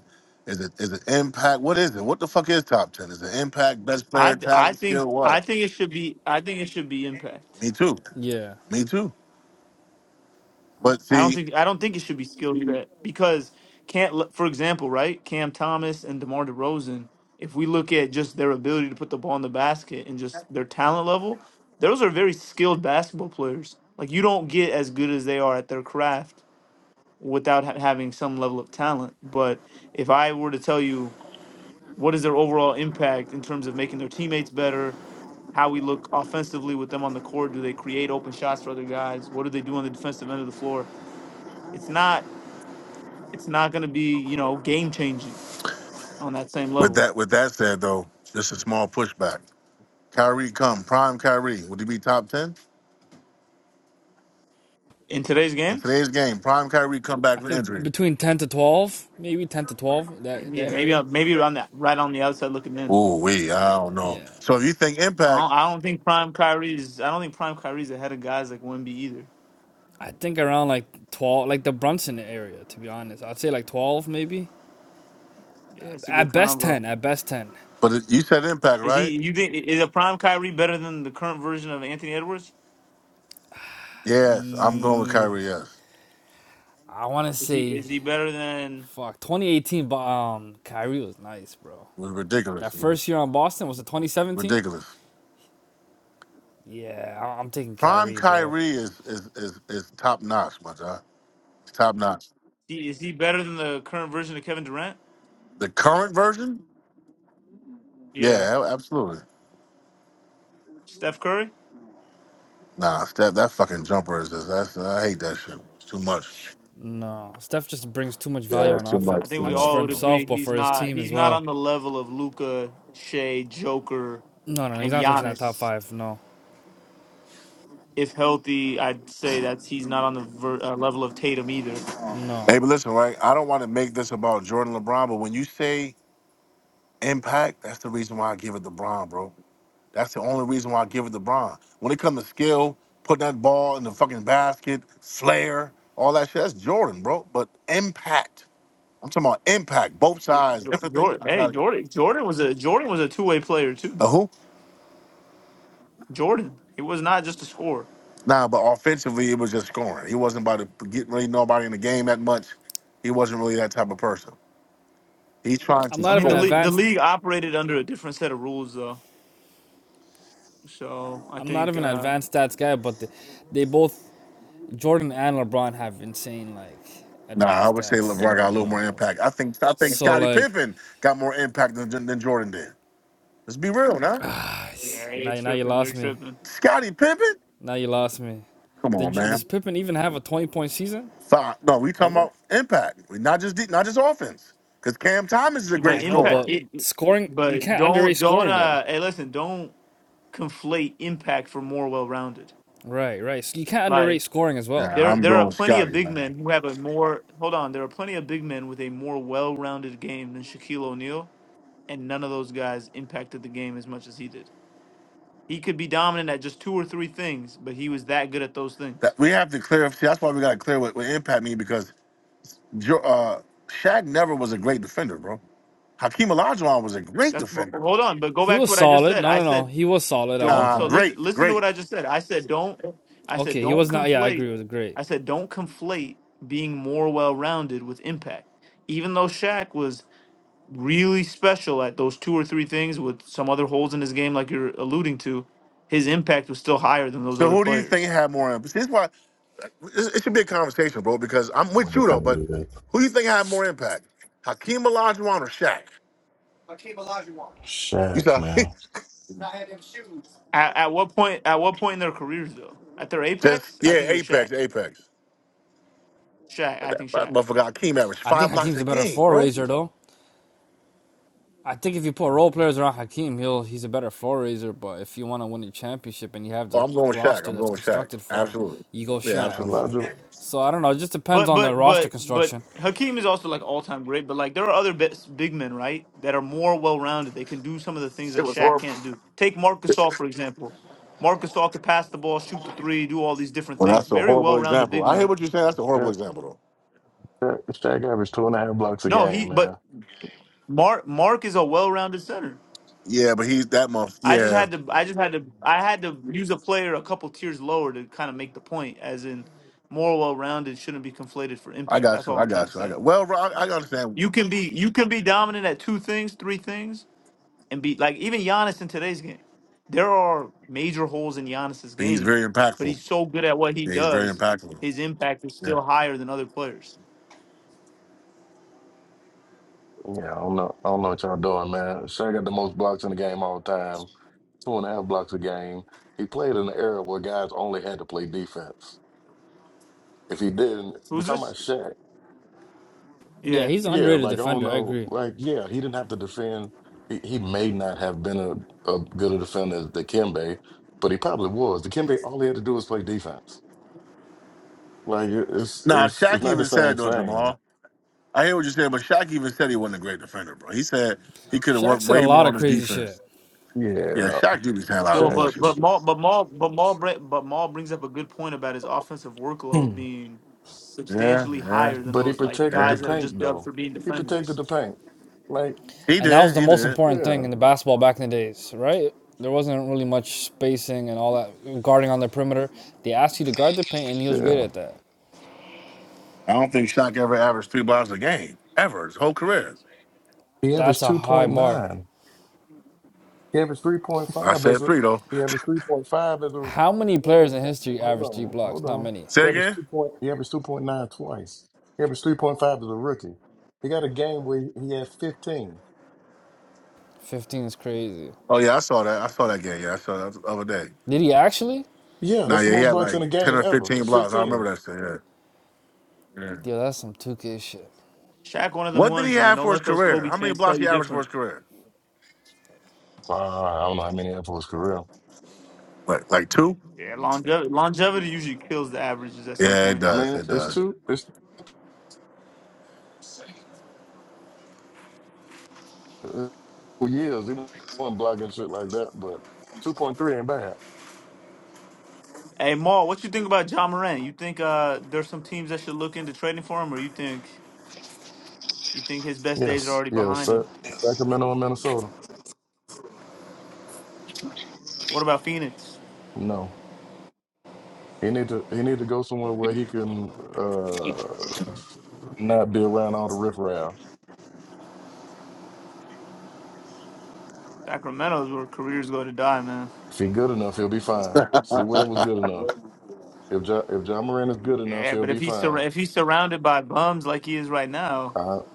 S8: Is it is it impact? What is it? What the fuck is top ten? Is it impact, best player,
S2: i i
S8: talent,
S2: think
S8: skill?
S2: i
S8: What?
S2: think it should be i think it should be impact
S8: Me too.
S3: Yeah.
S8: Me too. But
S2: I don't
S8: see,
S2: think I don't think it should be skill set because can't for example, right? Cam Thomas and DeMar DeRozan, if we look at just their ability to put the ball in the basket and just their talent level, those are very skilled basketball players. Like you don't get as good as they are at their craft without ha- having some level of talent. But if I were to tell you what is their overall impact in terms of making their teammates better, how we look offensively with them on the court, do they create open shots for other guys? What do they do on the defensive end of the floor? It's not it's not going to be you know game changing on that same
S8: with
S2: level
S8: that with that said though, just a small pushback. Kyrie come. Prime Kyrie. Would he be top 10?
S2: in today's
S8: In
S2: game.
S8: today's game, prime Kyrie come back
S3: I
S8: from
S3: think
S8: injury.
S3: between 10 to 12, maybe 10 to 12, that, that
S2: Yeah, maybe
S3: area.
S2: I'll- maybe on that right on the outside looking in.
S8: Ooh, we, I don't know.
S3: Yeah.
S8: So if you think
S2: I
S8: impact,
S2: don't, I don't think prime Kyrie is. I don't think prime Kyrie is ahead of guys like Wemby either.
S3: I think around like 12, like the Brunson area, to be honest. I'd say like 12, maybe.
S2: Yeah, it's a
S3: At
S2: good
S3: best
S2: combo.
S3: 10, at best 10.
S8: but it- you said impact,
S2: Is
S8: right?
S2: he? You think is a prime Kyrie better than the current version of Anthony Edwards?
S8: Yes, I'm going with Kyrie,
S3: Ye-
S8: yes.
S3: I want to
S2: Is he?
S3: say,
S2: Is he better than?
S3: fuck, 2018, but um, Kyrie was nice, bro.
S8: It was
S3: That
S8: ridiculous.
S3: first year on Boston was it 2017?
S8: Ridiculous.
S3: Yeah, I- I'm taking
S8: Prime
S3: Kyrie, bro.
S8: Kyrie is is is, is top notch, my guy. Top notch.
S2: he- Is he better than the current version of Kevin Durant?
S8: The current version?
S2: Yeah,
S8: Yeah, a- absolutely.
S2: Steph Curry.
S8: Nah, that that fucking jumper is just that's I hate that shit. It's too much.
S3: No, Steph just brings too much value
S8: Yeah,
S3: on
S8: it's too
S2: I
S8: much,
S3: offense,
S2: think
S8: too
S2: we
S3: not just for
S2: all would
S8: much.
S3: himself
S2: agree
S3: but
S2: he's
S3: for his
S2: not.
S3: team as
S2: He's not
S3: well.
S2: on the level of Luca, Shea, Joker,
S3: No, no, no, he's
S2: and
S3: not touching that top
S2: Giannis.
S3: five. No,
S2: if healthy, I'd say that he's not on the ver- uh, level of Tatum either.
S3: no.
S8: Hey, but listen, right? I don't want to make this about Jordan LeBron, but when you say impact, that's the reason why I give it to LeBron, bro. That's the only reason why I give it to LeBron. When it comes to skill, putting that ball in the fucking basket, flair, all that shit, that's Jordan, bro. But impact, I'm talking about impact, both sides,
S2: Jo-
S8: everything.
S2: Jordan,
S8: I
S2: hey
S8: got it.
S2: Jordan, Jordan was a Jordan was a two way player too
S8: Uh,
S2: though.
S8: who?
S2: Jordan, he was not just a scorer.
S8: Nah, but offensively, it was just scoring. He wasn't about to get really nobody in the game that much. He wasn't really that type of person. He's trying
S3: I'm
S8: to
S2: I
S3: not
S2: mean
S3: even
S2: the
S8: score.
S2: league the
S3: advanced.
S2: league operated under a different set of rules though. So I
S3: I'm not
S2: think
S3: even an
S2: uh,
S3: advanced stats guy, but they, they both Jordan and LeBron have insane like
S8: Nah, I
S3: advanced
S8: would say
S3: stats.
S8: LeBron got a
S3: You
S8: little more
S3: know,
S8: impact. I think I think
S3: so
S8: Scottie
S3: like
S8: Pippen got more impact than, than Jordan did. Let's be real, now.
S2: yeah, you're
S3: now now you
S2: tripping, you're
S3: lost me.
S2: tripping.
S8: Scottie Pippen?
S3: Now you lost me.
S8: Come on,
S3: Did you, does
S8: man.
S3: Pippen even have a twenty point season
S8: Five. No, we talking
S3: ever?
S8: about impact. We not just de- not just offense. Because Cam Thomas is a great
S2: But
S3: I know,
S2: impact,
S8: scorer.
S3: but
S2: it,
S3: scoring we
S2: but
S3: can't underrate
S2: don't don't
S3: scoring though.
S2: uh hey listen, don't conflate impact for more well rounded.
S3: Right, right. So you can't underrate
S2: Like.
S3: scoring as well.
S8: Yeah,
S2: There,
S8: I'm
S2: there are
S8: going with
S2: plenty of
S8: Scotty,
S2: big
S8: man.
S2: men who have a more. Hold on, there are plenty of big men with a more well-rounded game than Shaquille O'Neal, and none of those guys impacted the game as much as he did. He could be dominant at just two or three things, but he was that good at those things.
S8: That we have to clear. See, that's why we got to clear what, what impact mean because Jo- uh, Shaq never was a great defender, bro. Hakeem Olajuwon was a great
S2: That's well,
S8: defender.
S2: hold on, but go
S3: He
S2: back to
S3: was
S2: what I just
S3: solid.
S2: said.
S3: No,
S2: I
S3: no, no.
S2: said
S3: He was solid at one
S2: don't.
S8: Nah,
S2: So
S3: point.
S2: listen,
S8: great,
S2: listen to
S8: great.
S2: what I just said. I said don't. I said
S3: Okay, he
S2: don't
S3: was not. Yeah, I
S2: conflate.
S3: agree It Was great.
S2: I said don't conflate being more well-rounded with impact. Even though Shaq was really special at those two or three things with some other holes in his game, like you're alluding to, his impact was still higher than those
S8: So
S2: other
S8: who do you think
S2: players.
S8: had more impact? See, This why. It, it should be a conversation, bro, because I'm
S9: Boy,
S8: with
S9: they
S8: you though.
S9: finna
S8: But
S9: do that.
S8: who do you think had more impact, Hakeem Olajuwon or Shaq? You
S9: Shaq,
S8: saw
S9: man.
S2: At, at what point? At what point in their careers, though? At their
S8: just
S2: apex, I
S8: yeah,
S2: think it was
S8: Apex,
S2: Shaq.
S8: Apex.
S2: Shaq,
S8: That,
S2: I think
S8: that
S2: Shaq.
S8: motherfucker Hakeem averaged
S3: I
S8: five
S3: think
S8: blocks
S3: Hakeem's
S8: a
S3: a better
S8: game,
S3: floor
S8: bro.
S3: raiser though. I think if you put role players around Hakeem, he'll he's a better floor raiser. But if you want to win a championship and you have
S8: Oh,
S3: the
S8: I'm going with Shaq.
S3: roster
S8: I'm
S3: that's
S8: going with Shaq.
S3: constructed for it,
S8: Absolutely.
S3: you go
S8: Yeah,
S3: Shaq.
S8: absolutely.
S9: Elijah,
S3: So I don't know. It just depends
S2: But
S3: on the
S2: but
S3: roster
S2: but but
S3: construction.
S2: Hakeem is also like all time great. But like there are other bits, big men, right, that are more well rounded. They can do some of the things
S8: It
S2: that
S8: was
S2: Shaq
S8: horrible.
S2: can't do. Take Marcus All for example. Marcus All could pass the ball, shoot the three, do all these different
S8: Well,
S2: things.
S8: that's a
S2: Very
S8: horrible
S2: well rounded
S8: example.
S2: big
S8: I hear
S2: man.
S8: what you're saying. That's a horrible
S9: Shaq,
S8: example, though.
S9: Shaq, Shaq averaged two and a half blocks a
S2: No,
S9: game,
S2: he but
S9: man.
S2: Mark Mark is a well rounded center.
S8: Yeah, but he's that month.
S2: I just
S8: Yeah,
S2: had to I just had to I had to use a player a couple tiers lower to kind of make the point, as in more well rounded shouldn't be conflated for
S8: I
S2: impact.
S8: got
S2: That's
S8: you.
S2: all
S8: I
S2: I'm trying to
S8: got you. I
S2: say.
S8: got. Well, Ro- I, I understand.
S2: You can be you can be dominant at two things, three things, and be like even Giannis in today's game. There are major holes in Giannis's
S8: He's
S2: game,
S8: very
S2: but
S8: impactful.
S2: he's so good at what he
S8: Yeah, he's very
S2: does.
S8: impactful.
S2: His impact is
S8: Yeah.
S2: still higher than other players.
S9: Yeah, I don't know. I don't know what y'all doing, man. Shaq got the most blocks in the game all the time. Two and a half blocks a game. He played in an era where guys only had to play defense. If he didn't, we
S2: Who's
S9: talking about
S2: this?
S9: Shaq.
S3: Yeah,
S2: Yeah.
S3: he's an
S9: Yeah,
S3: underrated
S9: like I don't
S3: defender. I
S9: know.
S3: agree.
S9: Like, yeah, he didn't have to defend. He, he may not have been a, a good a defender as Dikembe, but he probably was. Dikembe, all he had to do was play defense. Like it- it's
S8: Now,
S9: it's it's
S8: Shaq
S9: not the
S8: even
S9: same
S8: said though,
S9: thing.
S8: Jamal. I hear what you're saying, but Shaq even said he wasn't a great defender, bro. He said he could have
S3: Shaq
S8: worked
S3: said a
S8: way more
S3: lot of
S8: on his
S3: crazy shit.
S8: defense. Yeah,
S9: Yeah,
S8: Shaq did be saying a lot of
S2: Well,
S9: Shaq.
S2: but
S8: bullshit.
S2: but Maul but Maul but Maul bre- but Maul brings up a good point about his offensive workload
S9: Hmm.
S2: being
S8: Yeah,
S2: substantially
S8: yeah,
S2: higher than
S9: But he
S2: those like
S9: protected the
S8: yeah.
S2: guys that are
S9: paint
S2: just dubbed
S9: though.
S2: for being
S9: He protected
S2: defenders.
S9: the paint. Like
S8: He
S3: and that was
S8: did,
S3: the
S8: he
S3: most
S8: did.
S3: important thing
S9: yeah,
S3: in the basketball back in the days, right? There wasn't really much spacing and all that guarding on the perimeter. They asked you to guard the paint, and he was great
S9: yeah.
S3: at that.
S8: I don't think Shaq ever averaged three blocks a game, ever, his whole career.
S9: He
S3: That's
S9: averaged
S3: a
S9: two
S3: high
S9: point
S3: bar.
S9: nine. He averaged three point
S8: I
S9: five as
S8: said
S9: a.
S8: three, though.
S9: He averaged three point five as a.
S3: How many
S9: He
S3: players
S9: averaged,
S3: in history
S9: hold
S3: average three
S9: on, hold
S3: blocks? Not
S9: on.
S3: many.
S9: He
S8: Say
S9: averaged
S8: again?
S9: two point. He averaged two point nine twice. He averaged three point five as a rookie. He got a game where he had fifteen.
S3: Fifteen is crazy.
S8: Oh, yeah, I saw that. I saw that game. Yeah, I saw that the other day.
S3: Did he actually?
S9: Yeah,
S8: Now,
S9: that's the
S8: yeah, he
S9: most
S8: had
S9: bucks in
S8: like
S9: a
S8: 10
S9: game
S8: or
S9: ever.
S8: 15
S9: It's
S8: blocks. I
S9: fifteen.
S8: remember that shit, yeah. yeah.
S3: Yeah, that's some two K shit.
S2: Shaq, one of them
S8: What did he
S2: ones, man.
S8: have
S2: Don't
S8: for his
S2: let those
S8: career?
S2: Kobe
S8: How many
S2: fans
S8: blocks
S2: tell you
S8: he averaged for
S2: different.
S8: his career?
S9: Wow, I don't know how many had for his career.
S8: Like, like two?
S2: Yeah, longevity longevity usually kills the averages at some
S8: Yeah, it
S2: point.
S9: I
S8: does.
S9: mean,
S8: It
S9: it's
S8: does.
S9: two, it's uh, years. It wasn't blocking shit like that, but 2.3 ain't bad.
S2: Hey Maul, what you think about John Moran? You think uh there's some teams that should look into trading for him, or you think you think his best days are
S9: Yes,
S2: already
S9: yes,
S2: behind
S9: Sa-
S2: him?
S9: Sacramento and Minnesota.
S2: What about Phoenix?
S9: No, he need to he need to go somewhere where he can uh not be around all the riffraff.
S2: Sacramento is where careers go to die, man.
S9: If he good enough, he'll be fine. See, Webb was good enough. If ja, if John Moran is good enough,
S2: Yeah,
S9: he'll
S2: but
S9: be
S2: if he's sur-
S9: fine.
S2: if he's surrounded by bums like he is right now,
S9: I, I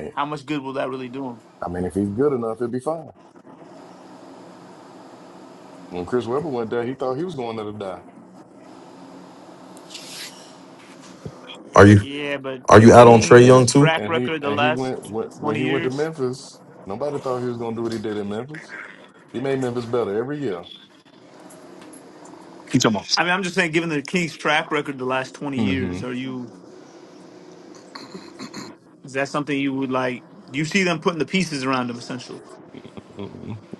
S9: mean,
S2: how much good will that really do him?
S9: I mean, if he's good enough, he'll be fine. When Chris Webber went there, he thought he was going there to die.
S5: Are you
S2: Yeah, but
S5: are
S2: the
S5: you out on
S9: and
S5: Trey
S9: and
S2: Kings'
S5: Young too?
S2: track
S9: and he
S2: record the
S9: and he
S2: last
S9: went when when
S2: twenty
S9: he went to
S2: years.
S9: Memphis. Nobody thought he was going to do what he did in Memphis. He made Memphis better every year.
S8: Keep talking.
S2: I mean, I'm just saying, given the Kings' track record the last twenty
S9: hmm
S2: years, are you is that something you would like? Do You see them putting the pieces around him, essentially.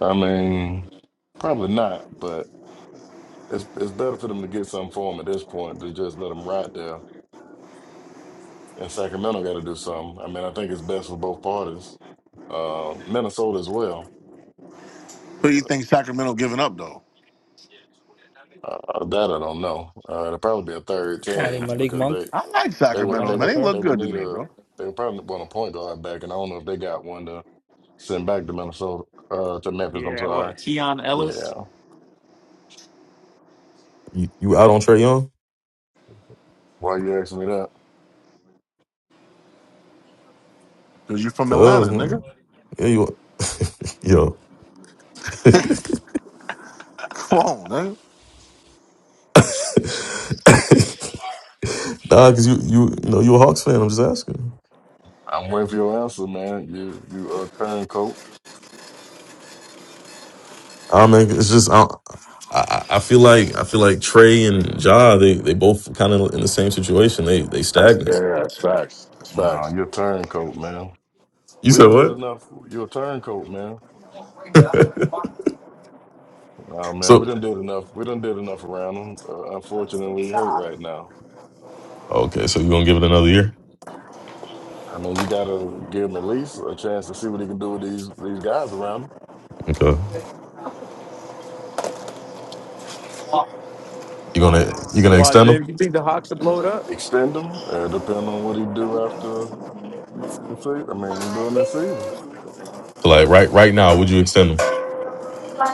S9: I mean, probably not, but it's it's better for them to get something for him at this point than just let him ride there. And Sacramento got to do something. I mean, I think it's best for both parties. Uh, Minnesota as well.
S8: Who do you think Sacramento giving up though?
S9: Uh, that I don't know. Uh, it'll probably be a third
S3: Probably
S9: team
S3: Malik
S9: because
S3: Monk
S9: they
S8: I like
S9: they
S3: and
S9: would
S8: Sacramento,
S3: one
S9: they
S8: man.
S3: other
S8: They
S9: would
S3: player.
S9: they
S8: look
S9: would
S8: good to
S9: need
S8: me,
S9: a
S8: bro.
S9: they would probably want a point guard back, and I don't know if they got one. Sent back to Minnesota, uh, to Memphis. I'm
S2: Yeah,
S9: sorry.
S2: what Keon Ellis?
S9: Yeah.
S5: You you out on Trey Young?
S9: Why you asking me that?
S8: Cause you from Atlanta,
S5: Cause
S8: nigga.
S5: man, yeah, you yo.
S8: Come on, nigga.
S5: nah, cause you you, you know you a Hawks fan. I'm just asking.
S9: I'm waiting for your answer, man. You you a turncoat?
S5: I don't know. It's just I, don't- I, I I feel like I feel like Trey and Ja they they both kind of in the same situation. They they
S8: That's yeah,
S5: stagnant.
S8: that's facts. That's facts.
S9: No, you're a turncoat, man.
S5: You
S9: We
S5: said
S9: done did
S5: what?
S9: enough. You're a turncoat, man. Oh man, we
S5: so
S9: done did enough. We done did enough around him. Uh, unfortunately, he hurt right now.
S5: okay, so you gonna give it another year?
S9: I mean, you gotta give him at least a chance to see what he can do with these these guys around him.
S5: Okay, you gonna you gonna
S2: Why,
S5: extend them?
S2: James? You think the Hawks will blow it up?
S9: Extend him, uh, depending on what he do after the season. I mean, during this season.
S5: So like right right now, would you extend them?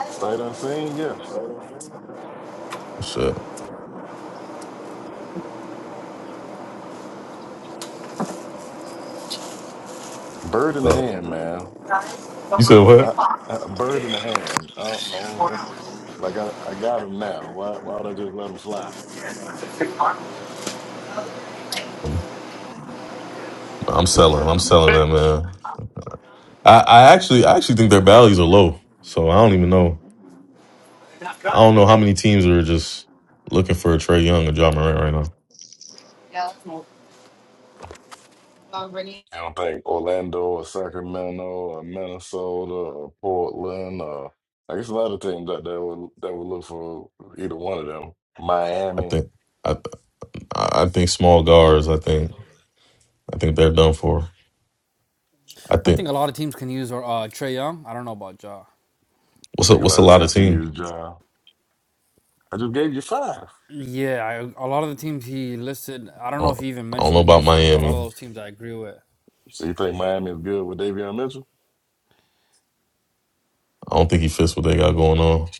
S9: Sight unseen, yeah.
S5: Oh, Shit.
S9: Bird in the
S5: So
S9: hand, man.
S5: you said
S9: I,
S5: what?
S9: I, bird in the hand. I, I don't, like I, I got him now. Why why would I just let him fly?
S5: I'm, I'm selling. I'm selling that man. I, I actually I actually think their values are low. So I don't even know. I don't know how many teams are just looking for a Trey Young or John Morant right now.
S9: I don't think Orlando or Sacramento or Minnesota or Portland or I guess a lot of teams that that would that would look for either one of them.
S5: I
S9: Miami.
S5: think. I I think small guards. I think I think they're done for. I
S3: I
S5: think
S3: think a lot of teams can use uh, Trey Young. I don't know about Ja.
S9: I
S5: what's a,
S9: think a
S5: what's a
S9: lot of
S5: lot of
S9: teams could
S5: team.
S9: use John. I just gave you five.
S3: Yeah, I, a lot of the teams he listed. I don't
S5: I
S3: know if
S5: don't,
S3: he even
S5: I don't know
S3: mentioned
S5: about
S3: Houston, but a lot of
S5: Miami.
S3: those teams I agree with.
S9: So you think Miami is good with Davion Mitchell?
S5: I don't think he fits what they got going on.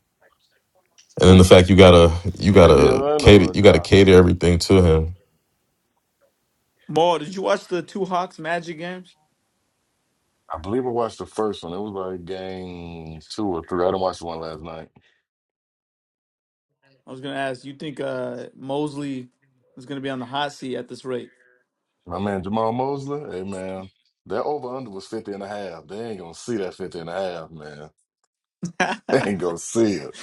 S5: And then the
S9: Who?
S5: fact you gotta you gotta
S9: Davion
S5: cater
S9: or
S5: you gotta
S9: John?
S5: cater everything to him.
S2: Maul, did you watch the two Hawks Magic games?
S9: I believe I watched the first one. It was like game two or three. I didn't watch the one last night.
S2: I was gonna ask. You think uh Mosley is gonna be on the hot seat at this rate?
S9: My man Jamal Mosley, hey man, that over under was 50 and a half. They ain't gonna see that 50 and a half, man. They ain't gonna see it.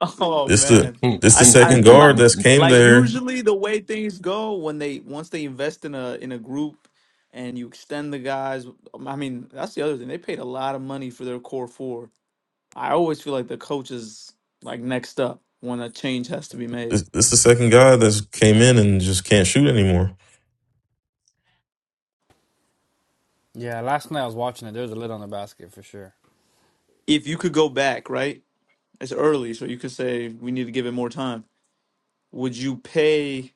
S2: Oh
S5: This the
S2: man.
S5: this
S9: Fifty
S5: the
S2: I I
S5: second
S2: like
S5: guard that's
S9: and
S5: came
S2: like
S5: there.
S2: usually the way things go when they once they invest in a in a group and you extend the guys. um, I mean, that's the other thing. They paid a lot of money for their core four. I always feel like the coach is like next up when a change has to be made.
S5: This, this the second guy that's came in and just can't shoot anymore.
S3: Yeah, last night I was watching it. There's a lid on the basket for sure.
S2: If you could go back, right? It's early, so you could say we need to give it more time. Would you pay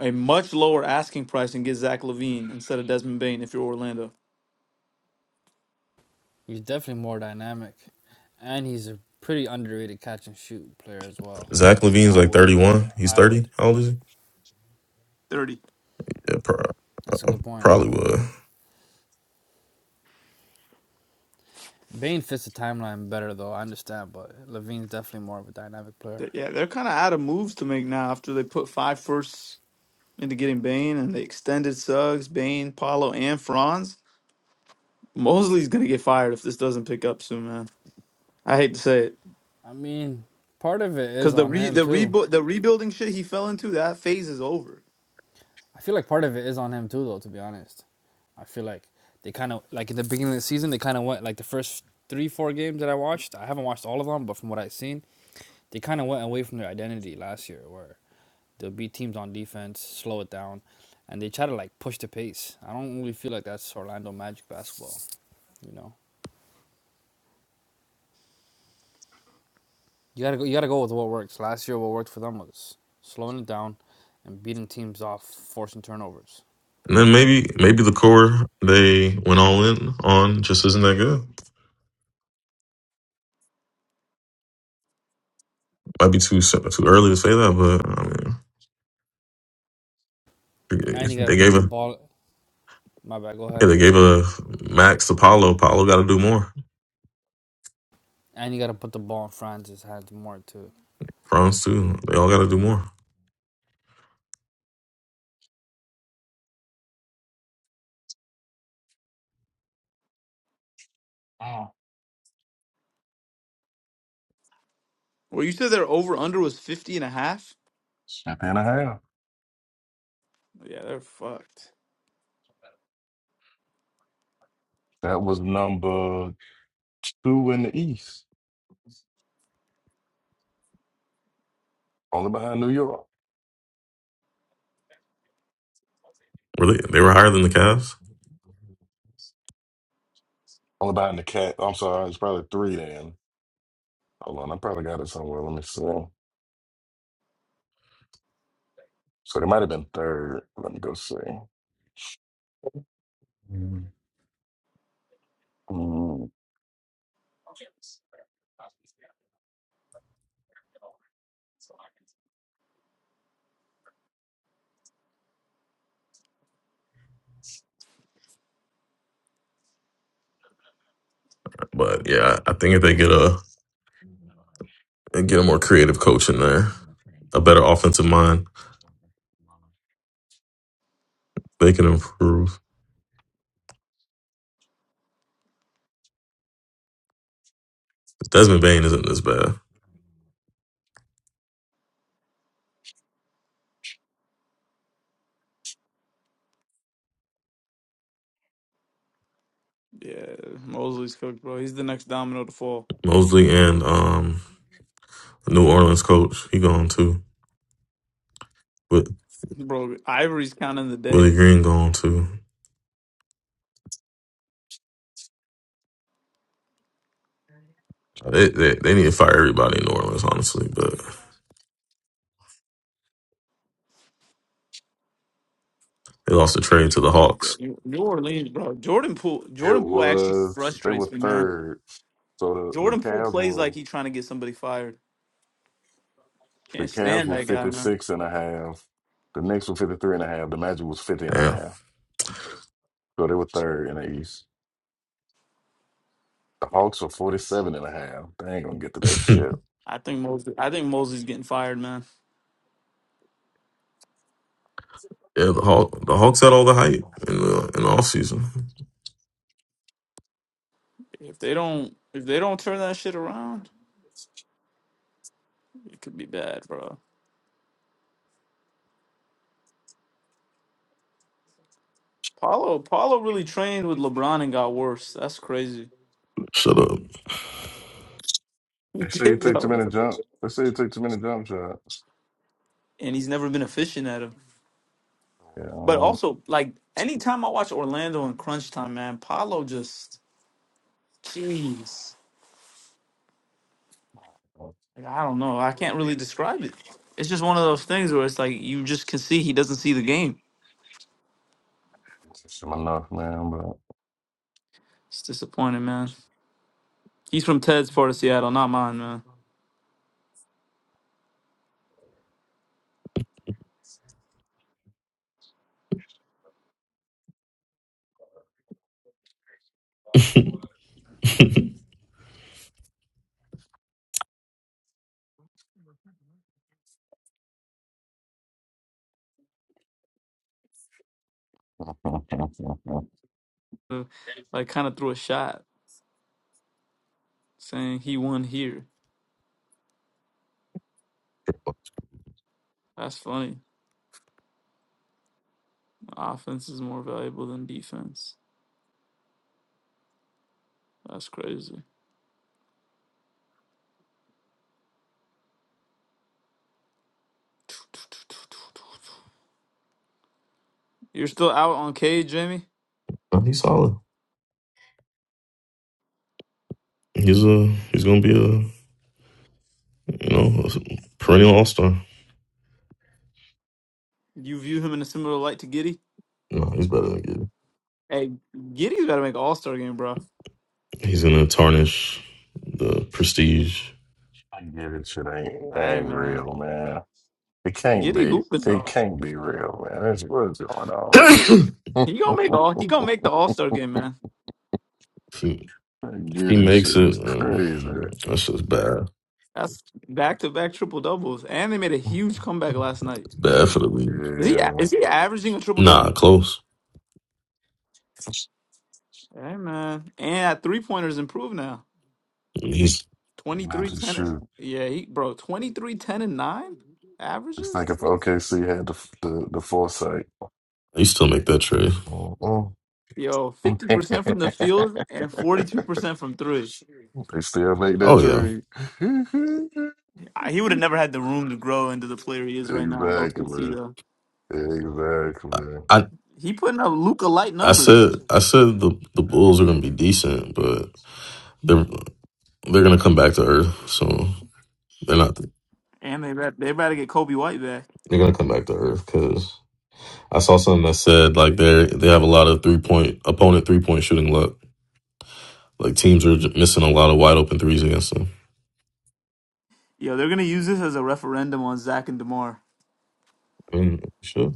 S2: a much lower asking price and get Zach Levine instead of Desmond Bain if you're Orlando?
S3: He's definitely more dynamic, and he's a pretty underrated catch and shoot player as well.
S5: Zach Levine's
S3: I
S5: like thirty
S3: would, I would,
S5: one. He's
S3: I would.
S5: thirty. How old is he?
S2: Thirty.
S5: Yeah, pro-
S3: That's a
S5: uh,
S3: good point.
S5: probably would.
S3: Bain fits the timeline better though. I understand, but Levine's definitely more of a dynamic player.
S2: They're- yeah, they're kind of out of moves to make now after they put five firsts into getting Bane and they extended Suggs, Bane, Paolo, and Franz. Mosley's gonna get fired if this doesn't pick up soon, man. I hate to say it,
S3: I mean, part of it is
S2: because the
S3: on
S2: re-
S3: him
S2: the
S3: too.
S2: rebu- the rebuilding shit he fell into that phase is over.
S3: I feel like part of it is on him too, though. To be honest, I feel like they kind of like in the beginning of the season they kind of went like the first three four games that I watched. I haven't watched all of them, but from what I've seen, they kind of went away from their identity last year, where They'll beat teams on defense, slow it down, and they try to like push the pace. I don't really feel like that's Orlando Magic basketball. You know, you gotta go. You gotta go with what works. Last year, what worked for them was slowing it down and beating teams off, forcing turnovers.
S5: And then maybe maybe the core they went all in on just isn't that good. might be too soon- too early to say that, but I mean,
S3: And you gotta
S5: they
S3: put
S5: gave
S3: the
S5: a
S3: ball. My bad. Go
S5: yeah,
S3: ahead.
S5: they gave a max to Paulo. Paulo got to do more.
S3: And you gotta put the ball in Franz's hands more too.
S5: Franz too. They all got to do more.
S2: Well, you said their over under was 50 and a half.
S9: a half.
S2: Yeah, they're fucked.
S9: That was number two in the East, only behind New York,
S5: Really, they were higher than the Cavs,
S9: only behind the Cat. I'm sorry, it's probably three then. Hold on, I probably got it somewhere. Let me see. So they might have been third. Let me go see. Mm. Mm.
S5: but yeah, I I think if they get a get a more creative coach in there, a better offensive mind, they can improve. Desmond Bain isn't this bad.
S2: Yeah, Mosley's cooked, bro. He's the next domino to fall,
S5: Mosley and um New Orleans coach, he gone too. With
S2: bro. Ivory's counting the
S5: Willie
S2: days.
S5: Green gone too. They, they they need to fire everybody in New Orleans, honestly. But they lost the trade to the
S2: Yeah,
S5: Hawks.
S2: New New Orleans, bro. Jordan Poole,
S9: It
S2: Jordan Poole actually
S9: was, they
S2: frustrates
S9: were
S2: me, man.
S9: third. So the, the
S2: Jordan Poole
S9: Cavs
S2: plays
S9: were.
S2: like he's trying to get somebody fired.
S9: The
S2: Can't
S9: Cavs
S2: stand
S9: were
S2: that guy, man.
S9: 56 and a half. The Knicks were 53 and a half. The Magic was 50 and a
S5: Damn.
S9: half. So they were third in the East. The
S2: Yeah,
S9: Hawks were 47 and a half. They ain't gonna get to that
S5: Hmm.
S9: shit.
S2: I think Mosley. I think Mosley's getting fired, man.
S5: yeah, the Hawk, the Hawks had all the hype in the in the off season.
S2: If they don't, if they don't turn that shit around, it could be bad, bro. Paulo, Paulo really trained with LeBron and got worse. That's crazy.
S5: Shut up.
S2: He
S9: They say you
S2: did
S9: take too
S2: though,
S9: many jump. They say you take too many jump shots.
S2: and he's never been efficient at him.
S9: Yeah, I
S2: But
S9: don't
S2: also, like anytime I watch Orlando in crunch time, man, Paulo just, jeez, like, I don't know. I can't really describe it. It's just one of those things where it's like you just can see he doesn't see the game.
S9: it's my enough, man, but
S2: It's disappointing, man. He's from Ted's part of Seattle, not mine, man. So, Like, kind of threw a shot saying he won here. That's funny. Offense is more valuable than defense. That's crazy. You're still out on Cade, Jamie?
S5: No, he's solid. He's a he's gonna be a you know a perennial all star.
S2: You view him in a similar light to Giddy?
S5: No, he's better than Giddy.
S2: Hey, Giddy's got to make All Star game, bro.
S5: He's gonna tarnish the prestige.
S9: I get it. Shit ain't
S2: Hey,
S9: ain't
S2: man.
S9: real, man. It can't
S2: Giddy
S9: be.
S2: hooping
S9: It
S2: though.
S9: can't be real, man. That's what's going on.
S2: He gonna make all. He gonna make the All Star game, man.
S5: If he,
S9: I
S5: if he
S9: get it.
S5: makes
S9: Shit
S5: it.
S9: is
S5: Uh,
S9: crazy.
S5: that's just bad.
S2: That's back to
S9: Yeah,
S2: back triple doubles, and they made a huge comeback last night.
S5: It's bad for the league.
S2: Is he a- is he averaging a triple double?
S5: Nah, close.
S2: Hey man, and three pointers improved now.
S5: He's
S2: Twenty three
S9: exactly.
S2: 10. and-
S9: Sure.
S2: Yeah, he bro, 23 10 and 9
S9: Just thinking
S2: averages.
S9: for OKC had the the, the foresight.
S5: he still make that trade.
S9: Mm-mm.
S2: Yo, 50% from the field and 42% from three.
S9: they still make that
S5: Oh yeah.
S9: trade.
S2: I- He would have never had the room to grow into the player he is right now in OKC
S9: exactly.
S2: though.
S9: Exactly.
S5: I
S2: He putting up Luca light
S5: I said
S2: numbers.
S5: I said the the Bulls are gonna be decent, but they're They're gonna come back to Earth, so they're not.
S2: And they bet they about to get Kobe White back.
S5: They're gonna come back to Earth because I saw something that said like they they have a lot of three point opponent three point shooting luck. Like teams are j- missing a lot of wide open threes against them.
S2: Yo, they're gonna use this as a referendum on Zach and DeMar.
S5: I mean, sure.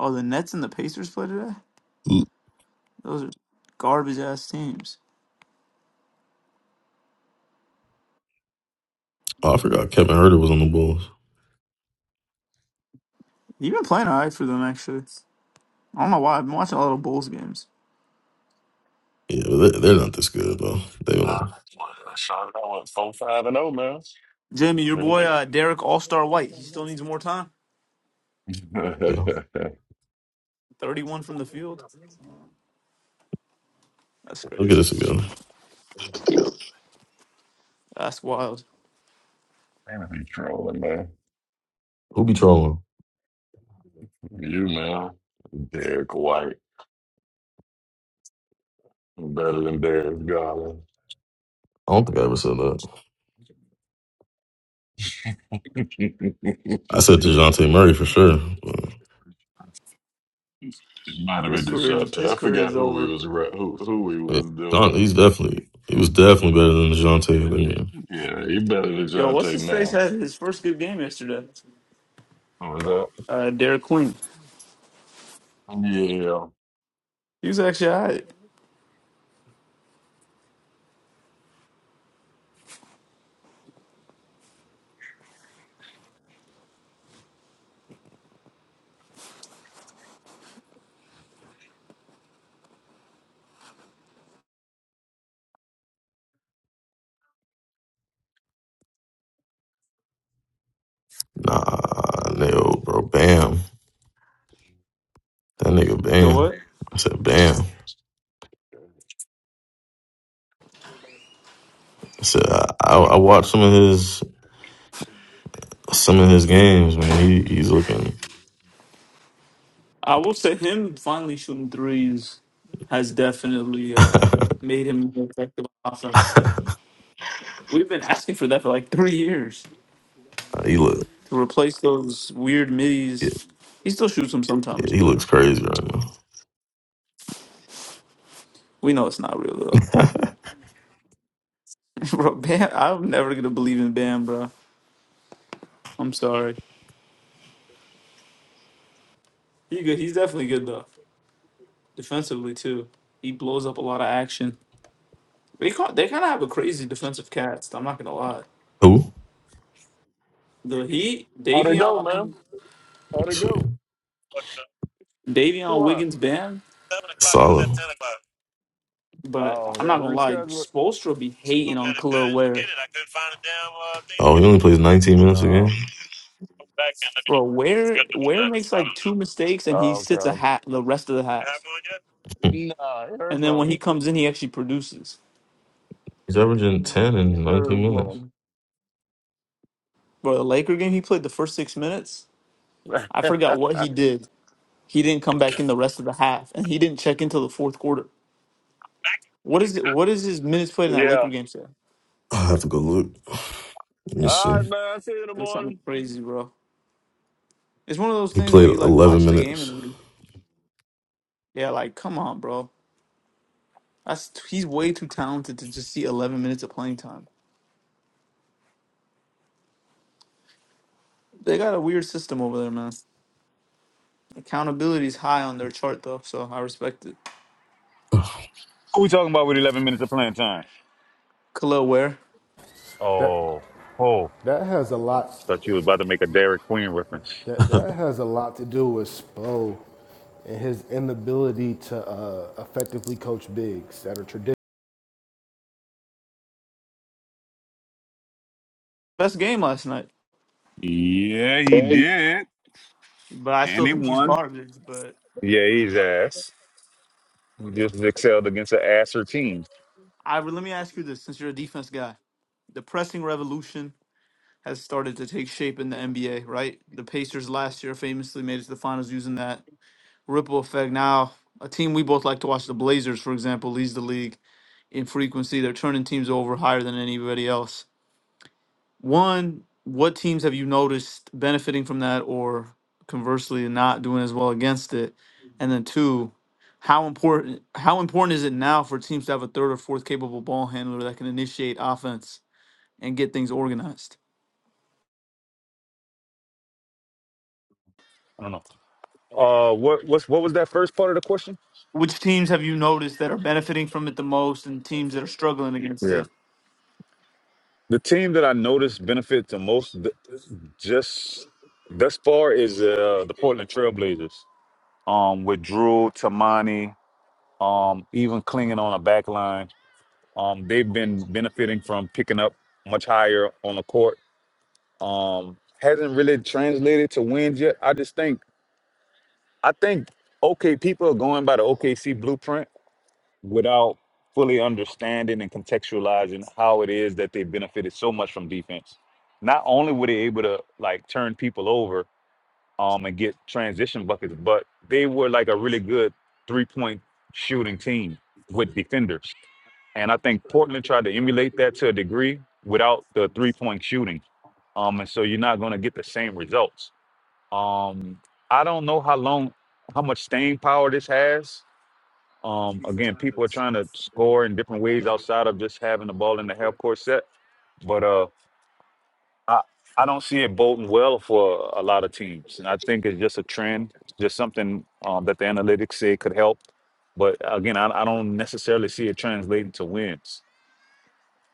S2: Oh, the Nets and the Pacers play today?
S5: Oh,
S2: Those are garbage ass teams.
S5: I forgot Kevin Herter was on the Bulls.
S2: You've been playing alright for them actually. I don't know why. I've been watching a lot of Bulls games.
S5: Yeah, but they- they're not this good though. They
S9: Ah,
S5: don't.
S9: well, Sean, I went four five and zero now.
S2: Jamie, your
S9: Yep.
S2: boy uh, Derek All Star White, he still needs more time.
S5: Yeah,
S2: Thirty-one from the field. That's
S5: they'll get
S2: crazy.
S5: us again.
S2: That's wild.
S9: Man, I be trolling, man.
S5: Who be trolling?
S9: You, man. Derek White. Better than Derek Garland.
S5: I don't think I ever said that. I said Dejounte Murray for sure. But
S9: It might have been
S2: His career,
S9: DeJounte.
S2: his
S9: I
S2: career
S9: forgot
S2: is
S9: who we
S2: over.
S9: was re- who who he
S5: Yeah,
S9: was
S5: John,
S9: doing.
S5: he's definitely he was definitely better than Dejounte. I mean,
S9: Yeah, he better than
S2: Yo, what's
S9: DeJounte
S2: his face
S9: now.
S2: had his first good game yesterday?
S9: Oh, is that?
S2: Uh, Derek Queen.
S9: Yeah.
S2: He was actually alright.
S5: nah, no, bro, Bam, that nigga
S2: So
S5: Bam.
S2: what?
S5: I said Bam. I said I, I, I watched some of his some of his games, man. He he's looking.
S2: I will say him finally shooting threes has definitely uh, made him more effective on offense. We've been asking for that for like three years
S5: he look.
S2: to replace those weird
S5: yeah.
S2: middies. He still shoots them sometimes,
S5: Yeah, he
S2: but
S5: looks crazy right now.
S2: We know it's not real though. bro, Bam, I'm never gonna believe in Bam, bro. I'm sorry. He good. He's definitely good though. Defensively too. He blows up a lot of action. They ca- they kind of have a crazy defensive cast. I'm not gonna lie.
S5: Who?
S2: The Heat, Davion,
S9: How'd
S5: Let's
S9: it
S5: see.
S9: go? What? the-
S2: Davion
S9: What?
S2: Wiggins, Bam.
S9: Seven o'clock. It was
S5: Solid.
S9: at ten o'clock.
S2: But
S9: Oh,
S2: I'm
S9: they had
S2: not
S9: to
S2: gonna lie.
S9: reschedule it.
S2: Spoelstra be
S9: So
S2: hating
S9: we
S2: on
S9: had to get
S2: Khalil
S9: it.
S2: Ware,
S9: Get it. I couldn't find a damn uh, thing to
S5: Oh, he
S9: get on
S5: only plays 19
S9: it.
S5: minutes a
S9: Oh.
S5: game.
S9: Go Back and let me
S2: bro.
S9: know. It's
S2: Ware
S9: good to be
S2: Ware
S9: done. So
S2: makes
S9: I don't
S2: like two mistakes and he sits a
S9: know.
S2: hat the rest of the
S9: It
S2: half.
S9: happened with
S5: Hmm.
S9: you? Nah, it hurt
S2: And then
S9: from
S2: when he comes in, he actually produces.
S5: He's averaging
S9: him.
S5: 10 in
S9: It
S5: 19
S9: hurt
S5: minutes.
S9: from
S2: Bro, the Laker game, he played the first six minutes. I
S9: him.
S2: forgot what he did. He didn't come back in the rest of the half, and he didn't check into the fourth quarter. What is it? What is his minutes played in that
S9: yeah.
S2: Laker game? Say it
S5: I have to go look. Let me
S9: All right,
S5: see.
S9: man. I'll see you in the
S2: was something
S9: morning.
S2: crazy, bro. It's one of those
S5: He
S2: things where
S5: played
S2: you like
S5: 11
S2: watch the game
S5: minutes.
S2: and you- yeah, like come on, bro. That's he's way too talented to just see 11 minutes of playing time. They got a weird system over there, man. Accountability's high on their chart though, so I respect it.
S10: Who we talking about with 11 minutes of playing time?
S2: Khalil Ware,
S7: That
S10: Oh, oh,
S7: that has a lot
S10: thought you was about to make a Derek Queen reference.
S7: that that has a lot to do with Spo and his inability to uh, effectively coach bigs that are traditional.
S2: best game last night,
S10: Yeah, he
S2: Hey,
S10: did.
S2: but I
S10: And
S2: still
S10: he
S2: think he's
S10: won.
S2: garbage. But
S10: Yeah, he's ass. He just excelled against an asser team.
S2: I let me ask you this, since you're a defense guy, the pressing revolution. has started to take shape in the NBA, right? The Pacers last year famously made it to the finals using that ripple effect. Now, a team we both like to watch, the Blazers, for example, leads the league in frequency. They're turning teams over higher than anybody else. One, what teams have you noticed benefiting from that or conversely not doing as well against it? And then two, how important how important is it now for teams to have a third or fourth capable ball handler that can initiate offense and get things organized?
S10: I don't know. Uh, what what's what was that first part of the question?
S2: which teams have you noticed that are benefiting from it the most and teams that are struggling against
S10: Yeah.
S2: it?
S10: The team that I noticed benefit the most th- just thus far is uh, the Portland Trailblazers. Um, with Drew, Tamani, um, even clinging on a back line. Um, they've been benefiting from picking up much higher on the court. Um, hasn't really translated to wins yet. I just think I think okay, people are going by the OKC blueprint without fully understanding and contextualizing how it is that they benefited so much from defense. Not only were they able to like turn people over, um and get transition buckets, but they were like a really good three point shooting team with defenders. And I think Portland tried to emulate that to a degree without the three point shooting. Um, and so you're not going to get the same results. Um, I don't know how long, how much staying power this has. Um, again, people are trying to score in different ways outside of just having the ball in the half court set. But uh, I I don't see it boding well for a lot of teams. And I think it's just a trend, just something um, that the analytics say could help. But again, I, I don't necessarily see it translating to wins.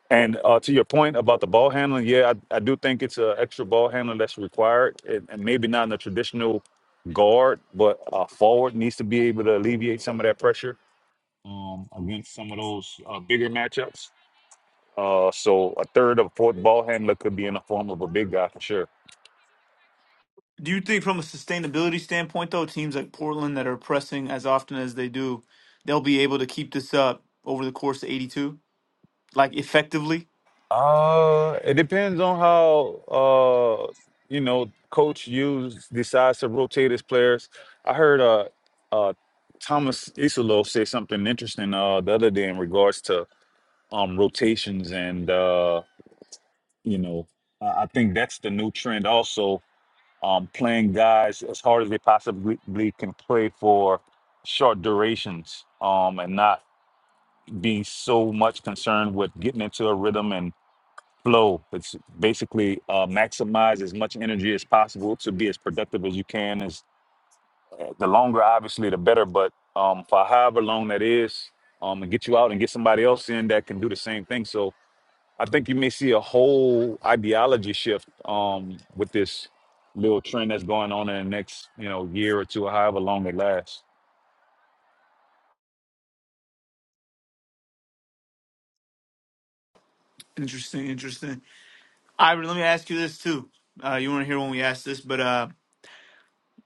S10: And uh, to your point about the ball handling, yeah, I, I do think it's an extra ball handler that's required, and, and maybe not in the traditional guard, but uh, forward needs to be able to alleviate some of that pressure um, against some of those uh, bigger matchups. Uh, so a third or fourth ball handler could be in the form of a big guy for sure.
S2: Do you think, from a sustainability standpoint, though, teams like Portland that are pressing as often as they do, they'll be able to keep this up over the course of 82, like effectively?
S10: Uh, it depends on how uh you know coach Hughes decides to rotate his players. I heard uh uh Thomas Isolo say something interesting uh the other day in regards to um rotations and uh you know I I think that's the new trend also um playing guys as hard as they possibly can play for short durations um and not being so much concerned with getting into a rhythm and flow. It's basically uh, maximize as much energy as possible to be as productive as you can. Is the longer, obviously, the better. But um, for however long that is, um, and get you out and get somebody else in that can do the same thing. So I think you may see a whole ideology shift um, with this little trend that's going on in the next, you know, year or two, or however long it lasts.
S2: Interesting, interesting. Ivory, let me ask you this, too. Uh, you want to hear when we asked this, but uh,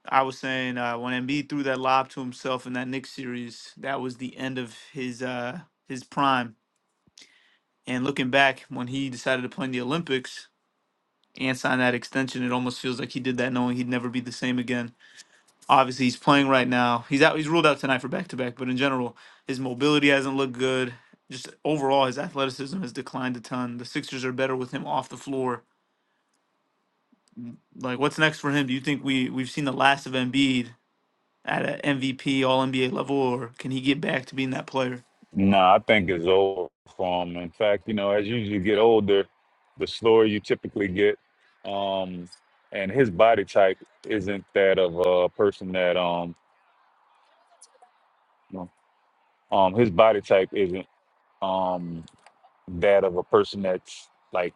S2: I was saying uh, when Embiid threw that lob to himself in that Knicks series, that was the end of his uh, his prime. And looking back, when he decided to play in the Olympics, and sign that extension. It almost feels like he did that knowing he'd never be the same again. Obviously, he's playing right now. He's out. He's ruled out tonight for back to back. But in general, his mobility hasn't looked good. Just overall, his athleticism has declined a ton. The Sixers are better with him off the floor. Like, what's next for him? Do you think we we've seen the last of Embiid at an MVP All NBA level, or can he get back to being that player?
S10: No, I think it's over for 'em. In fact, you know, as you, you get older, the slower you typically get. Um, and his body type isn't that of a person that um, no, um, his body type isn't um that of a person that's like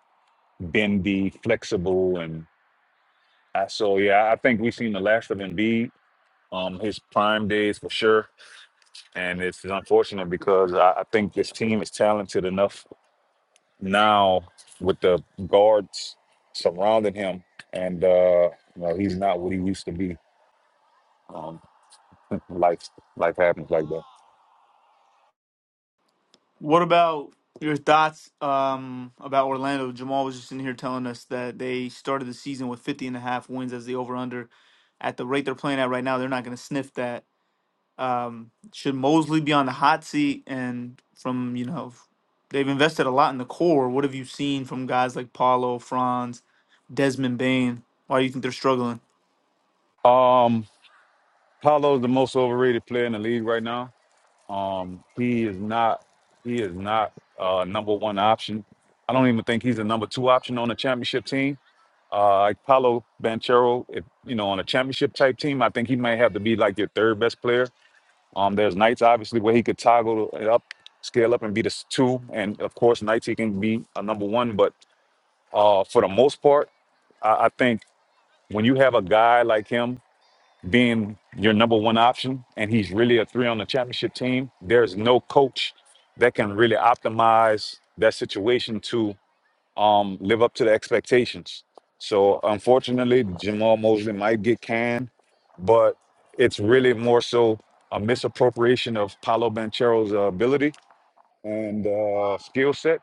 S10: bendy, flexible, and I, so yeah, I think we've seen the last of Embiid. Um, his prime days for sure, and it's unfortunate because I, I think this team is talented enough now with the guards surrounding him and uh you know he's not what he used to be um life life happens like that
S2: What about your thoughts um, about Orlando? Jamal was just in here telling us that they started the season with 50 and a half wins as the over under. At the rate they're playing at right now, they're not going to sniff that. Um, should Mosley be on the hot seat? And from, you know, they've invested a lot in the core. What have you seen from guys like Paulo, Franz, Desmond Bain? Why do you think they're struggling?
S10: um Paolo's the most overrated player in the league right now um he is not he is not uh number one option i don't even think he's a number two option on a championship team uh like paulo banchero if you know on a championship type team i think he might have to be like your third best player Um, there's nights obviously where he could toggle it up, scale up, and be the s- two, and of course nights he can be a number one. But uh, for the most part, I, I think when you have a guy like him being your number one option, and he's really a three on the championship team, there's no coach that can really optimize that situation to um, live up to the expectations. So unfortunately, Jamal Mosley might get canned, but it's really more so a misappropriation of Paolo Banchero's uh, ability and uh, skill set.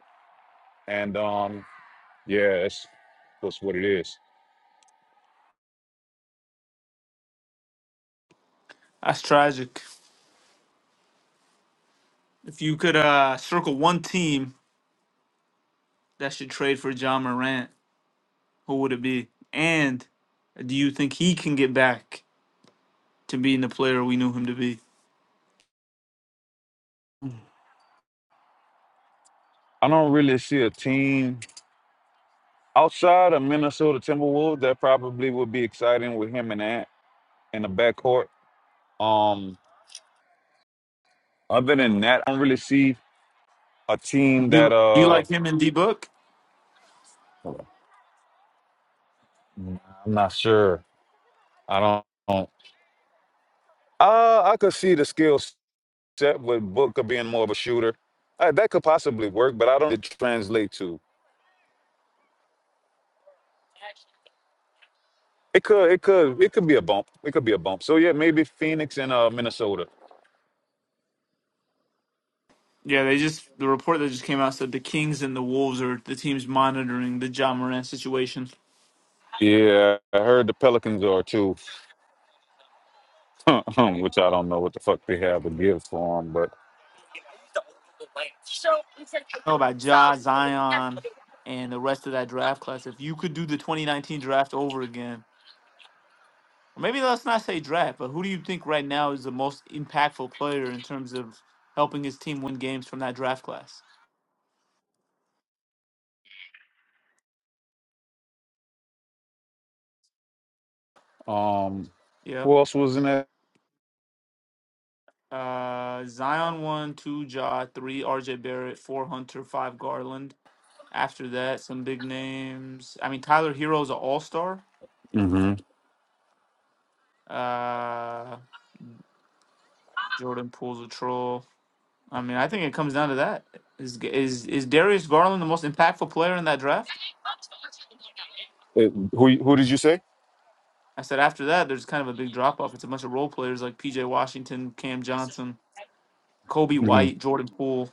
S10: And um, yeah, that's, that's what it is.
S2: That's tragic. If you could uh, circle one team that should trade for John Morant, who would it be? And do you think he can get back to being the player we knew him to be?
S10: I don't really see a team outside of Minnesota Timberwolves that probably would be exciting with him in that in the backcourt. Um, other than that, I don't really see a team
S2: Do
S10: that
S2: you, do you
S10: uh,
S2: like him in D Book?
S10: I'm not sure. I don't. don't- Uh, I could see the skill set with Booker being more of a shooter. Uh, that could possibly work, but I don't it translate to. It could. It could. It could be a bump. It could be a bump. So yeah, maybe Phoenix and uh, Minnesota.
S2: Yeah, they just the report that just came out said the Kings and the Wolves are the teams monitoring the John Morant situation.
S10: Yeah, I heard the Pelicans are too, which I don't know what the fuck they have to give for them. But
S2: Know about Ja Zion and the rest of that draft class. If you could do the 2019 draft over again, or maybe let's not say draft, but who do you think right now is the most impactful player in terms of helping his team win games from that draft class?
S10: um,
S2: Yep.
S10: who else was in that?
S2: Uh, Zion one, two, Ja three, R.J. Barrett four, Hunter five, Garland. After that, some big names. I mean, Tyler Hero's an All Star.
S10: hmm
S2: Uh, Jordan Poole's a troll. I mean, I think it comes down to that. Is is is Darius Garland the most impactful player in that draft?
S10: who Who did you say?
S2: I said after that, there's kind of a big drop off. It's a bunch of role players like P.J. Washington, Cam Johnson, Kobe
S10: hmm
S2: White, Jordan Poole.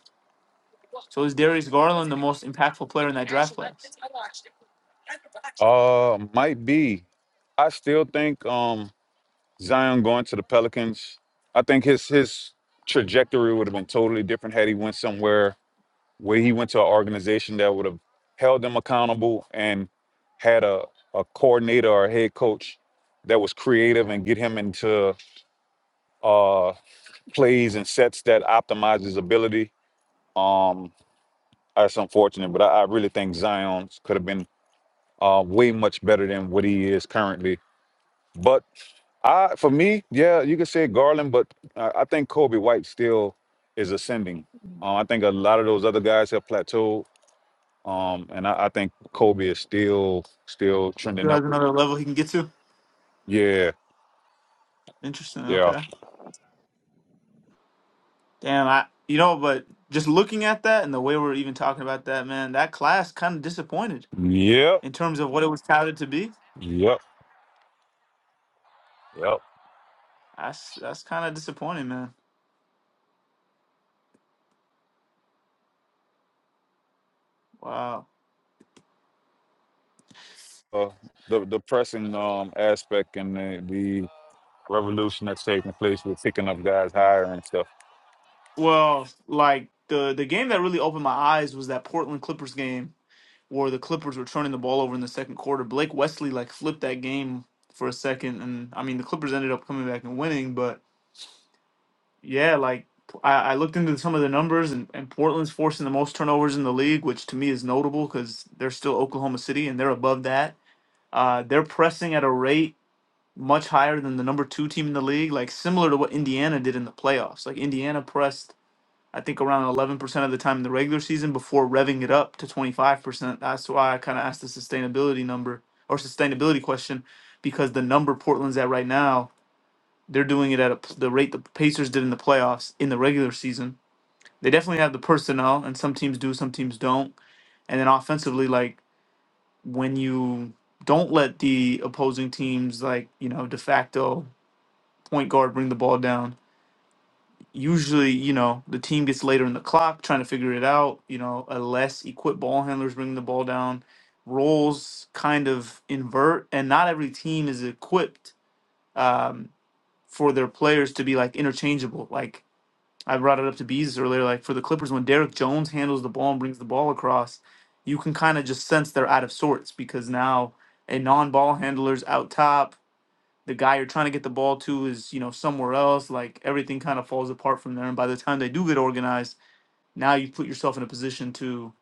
S2: So is Darius Garland the most impactful player in that draft class?
S10: Uh, might be. I still think. um. Zion going to the Pelicans, I think his his trajectory would have been totally different had he went somewhere where he went to an organization that would have held him accountable and had a, a coordinator or a head coach that was creative and get him into uh, plays and sets that optimize his ability. Um, that's unfortunate, but I, I really think Zion could have been uh, way much better than what he is currently. But I for me, yeah, you could say Garland, but I, I think Kobe White still is ascending. Uh, I think a lot of those other guys have plateaued, um, and I, I think Kobe is still still trending
S2: Still
S10: up.
S2: has another level he can get to.
S10: Yeah,
S2: Interesting.
S10: yeah,
S2: Okay. Damn, I you know, but just looking at that and the way we're even talking about that, man, that class kind of disappointed
S10: yep,
S2: in terms of what it was touted to be.
S10: yep, yep.
S2: That's that's kind of disappointing, man. Wow.
S10: Uh, the the pressing um, aspect and the, the revolution that's taking place with picking up guys higher and stuff.
S2: Well, like the the game that really opened my eyes was that Portland Clippers game where the Clippers were turning the ball over in the second quarter. Blake Wesley like flipped that game for a second, and I mean the Clippers ended up coming back and winning, but Yeah, like I, I looked into some of the numbers, and, and Portland's forcing the most turnovers in the league, which to me is notable because they're still Oklahoma City and they're above that. Uh, they're pressing at a rate much higher than the number two team in the league, like similar to what Indiana did in the playoffs. Like Indiana pressed, I think, around 11% of the time in the regular season before revving it up to 25%. That's why I kind of asked the sustainability number or sustainability question because the number Portland's at right now they're doing it at a, the rate the Pacers did in the playoffs in the regular season. They definitely have the personnel, and some teams do, some teams don't. And then offensively, like when you don't let the opposing teams, like you know, de facto point guard bring the ball down. Usually, you know, the team gets later in the clock trying to figure it out. You know, a less equipped ball handlers bringing the ball down. Roles kind of invert, and not every team is equipped um, for their players to be like interchangeable. Like I brought it up to Bees earlier, like for the Clippers, when Derek Jones handles the ball and brings the ball across, you can kind of just sense they're out of sorts because now a non-ball handler's out top. The guy you're trying to get the ball to is, you know, somewhere else. Like everything kind of falls apart from there. And by the time they do get organized, now you put yourself in a position to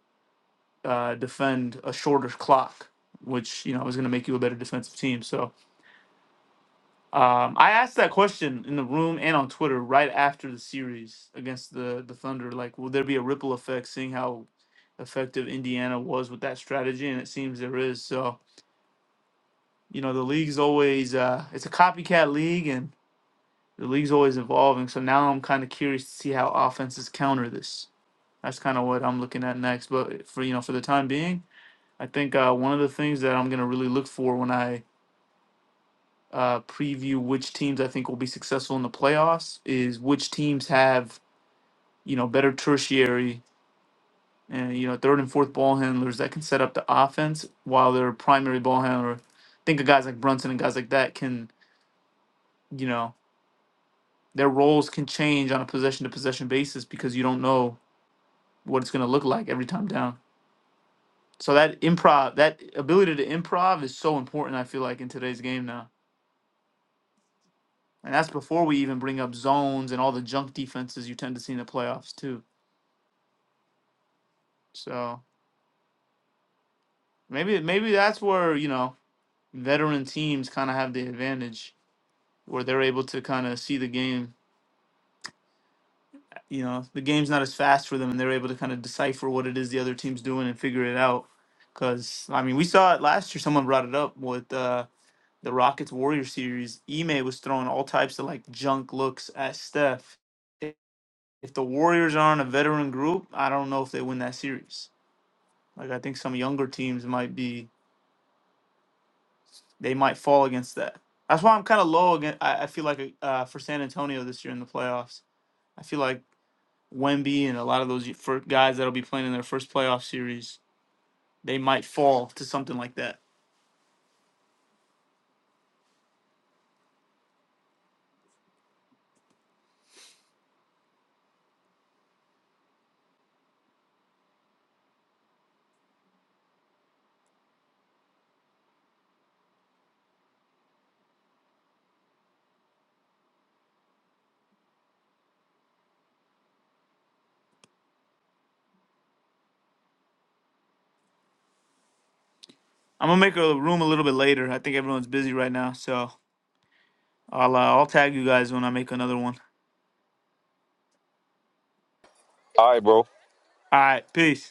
S2: uh, defend a shorter clock, which you know is going to make you a better defensive team. So um, I asked that question in the room and on Twitter right after the series against the the Thunder. Like, will there be a ripple effect seeing how effective Indiana was with that strategy? And it seems there is. So, you know, the league's always uh, it's a copycat league, and the league's always evolving. So now I'm kind of curious to see how offenses counter this. That's kind of what I'm looking at next. But for you know, for the time being, I think uh, one of the things that I'm gonna really look for when I uh, preview which teams I think will be successful in the playoffs is which teams have you know better tertiary and you know third and fourth ball handlers that can set up the offense while their primary ball handler. Think of guys like Brunson and guys like that can you know their roles can change on a possession to possession basis because you don't know what it's going to look like every time down. So that improv, that ability to improv is so important. I feel like in today's game now, and that's before we even bring up zones and all the junk defenses you tend to see in the playoffs too. So maybe maybe that's where you know veteran teams kind of have the advantage, where they're able to kind of see the game. You know, the game's not as fast for them, and they're able to kind of decipher what it is the other team's doing and figure it out. Because I mean, we saw it last year. Someone brought it up with uh, the Rockets Warrior series. Ime was throwing all types of like junk looks at Steph. If if the Warriors aren't a veteran group, I don't know if they win that series. Like I think some younger teams might be they might fall against that. That's why I'm kind of low. Again, I, I feel like uh, for San Antonio this year in the playoffs, I feel like Wemby and a lot of those for guys that'll be playing in their first playoff series, they might fall to something like that. I'm gonna make a room a little bit later. I think everyone's busy right now, so I'll uh, I'll tag you guys when I make another one.
S10: All right, bro.
S2: All right, peace.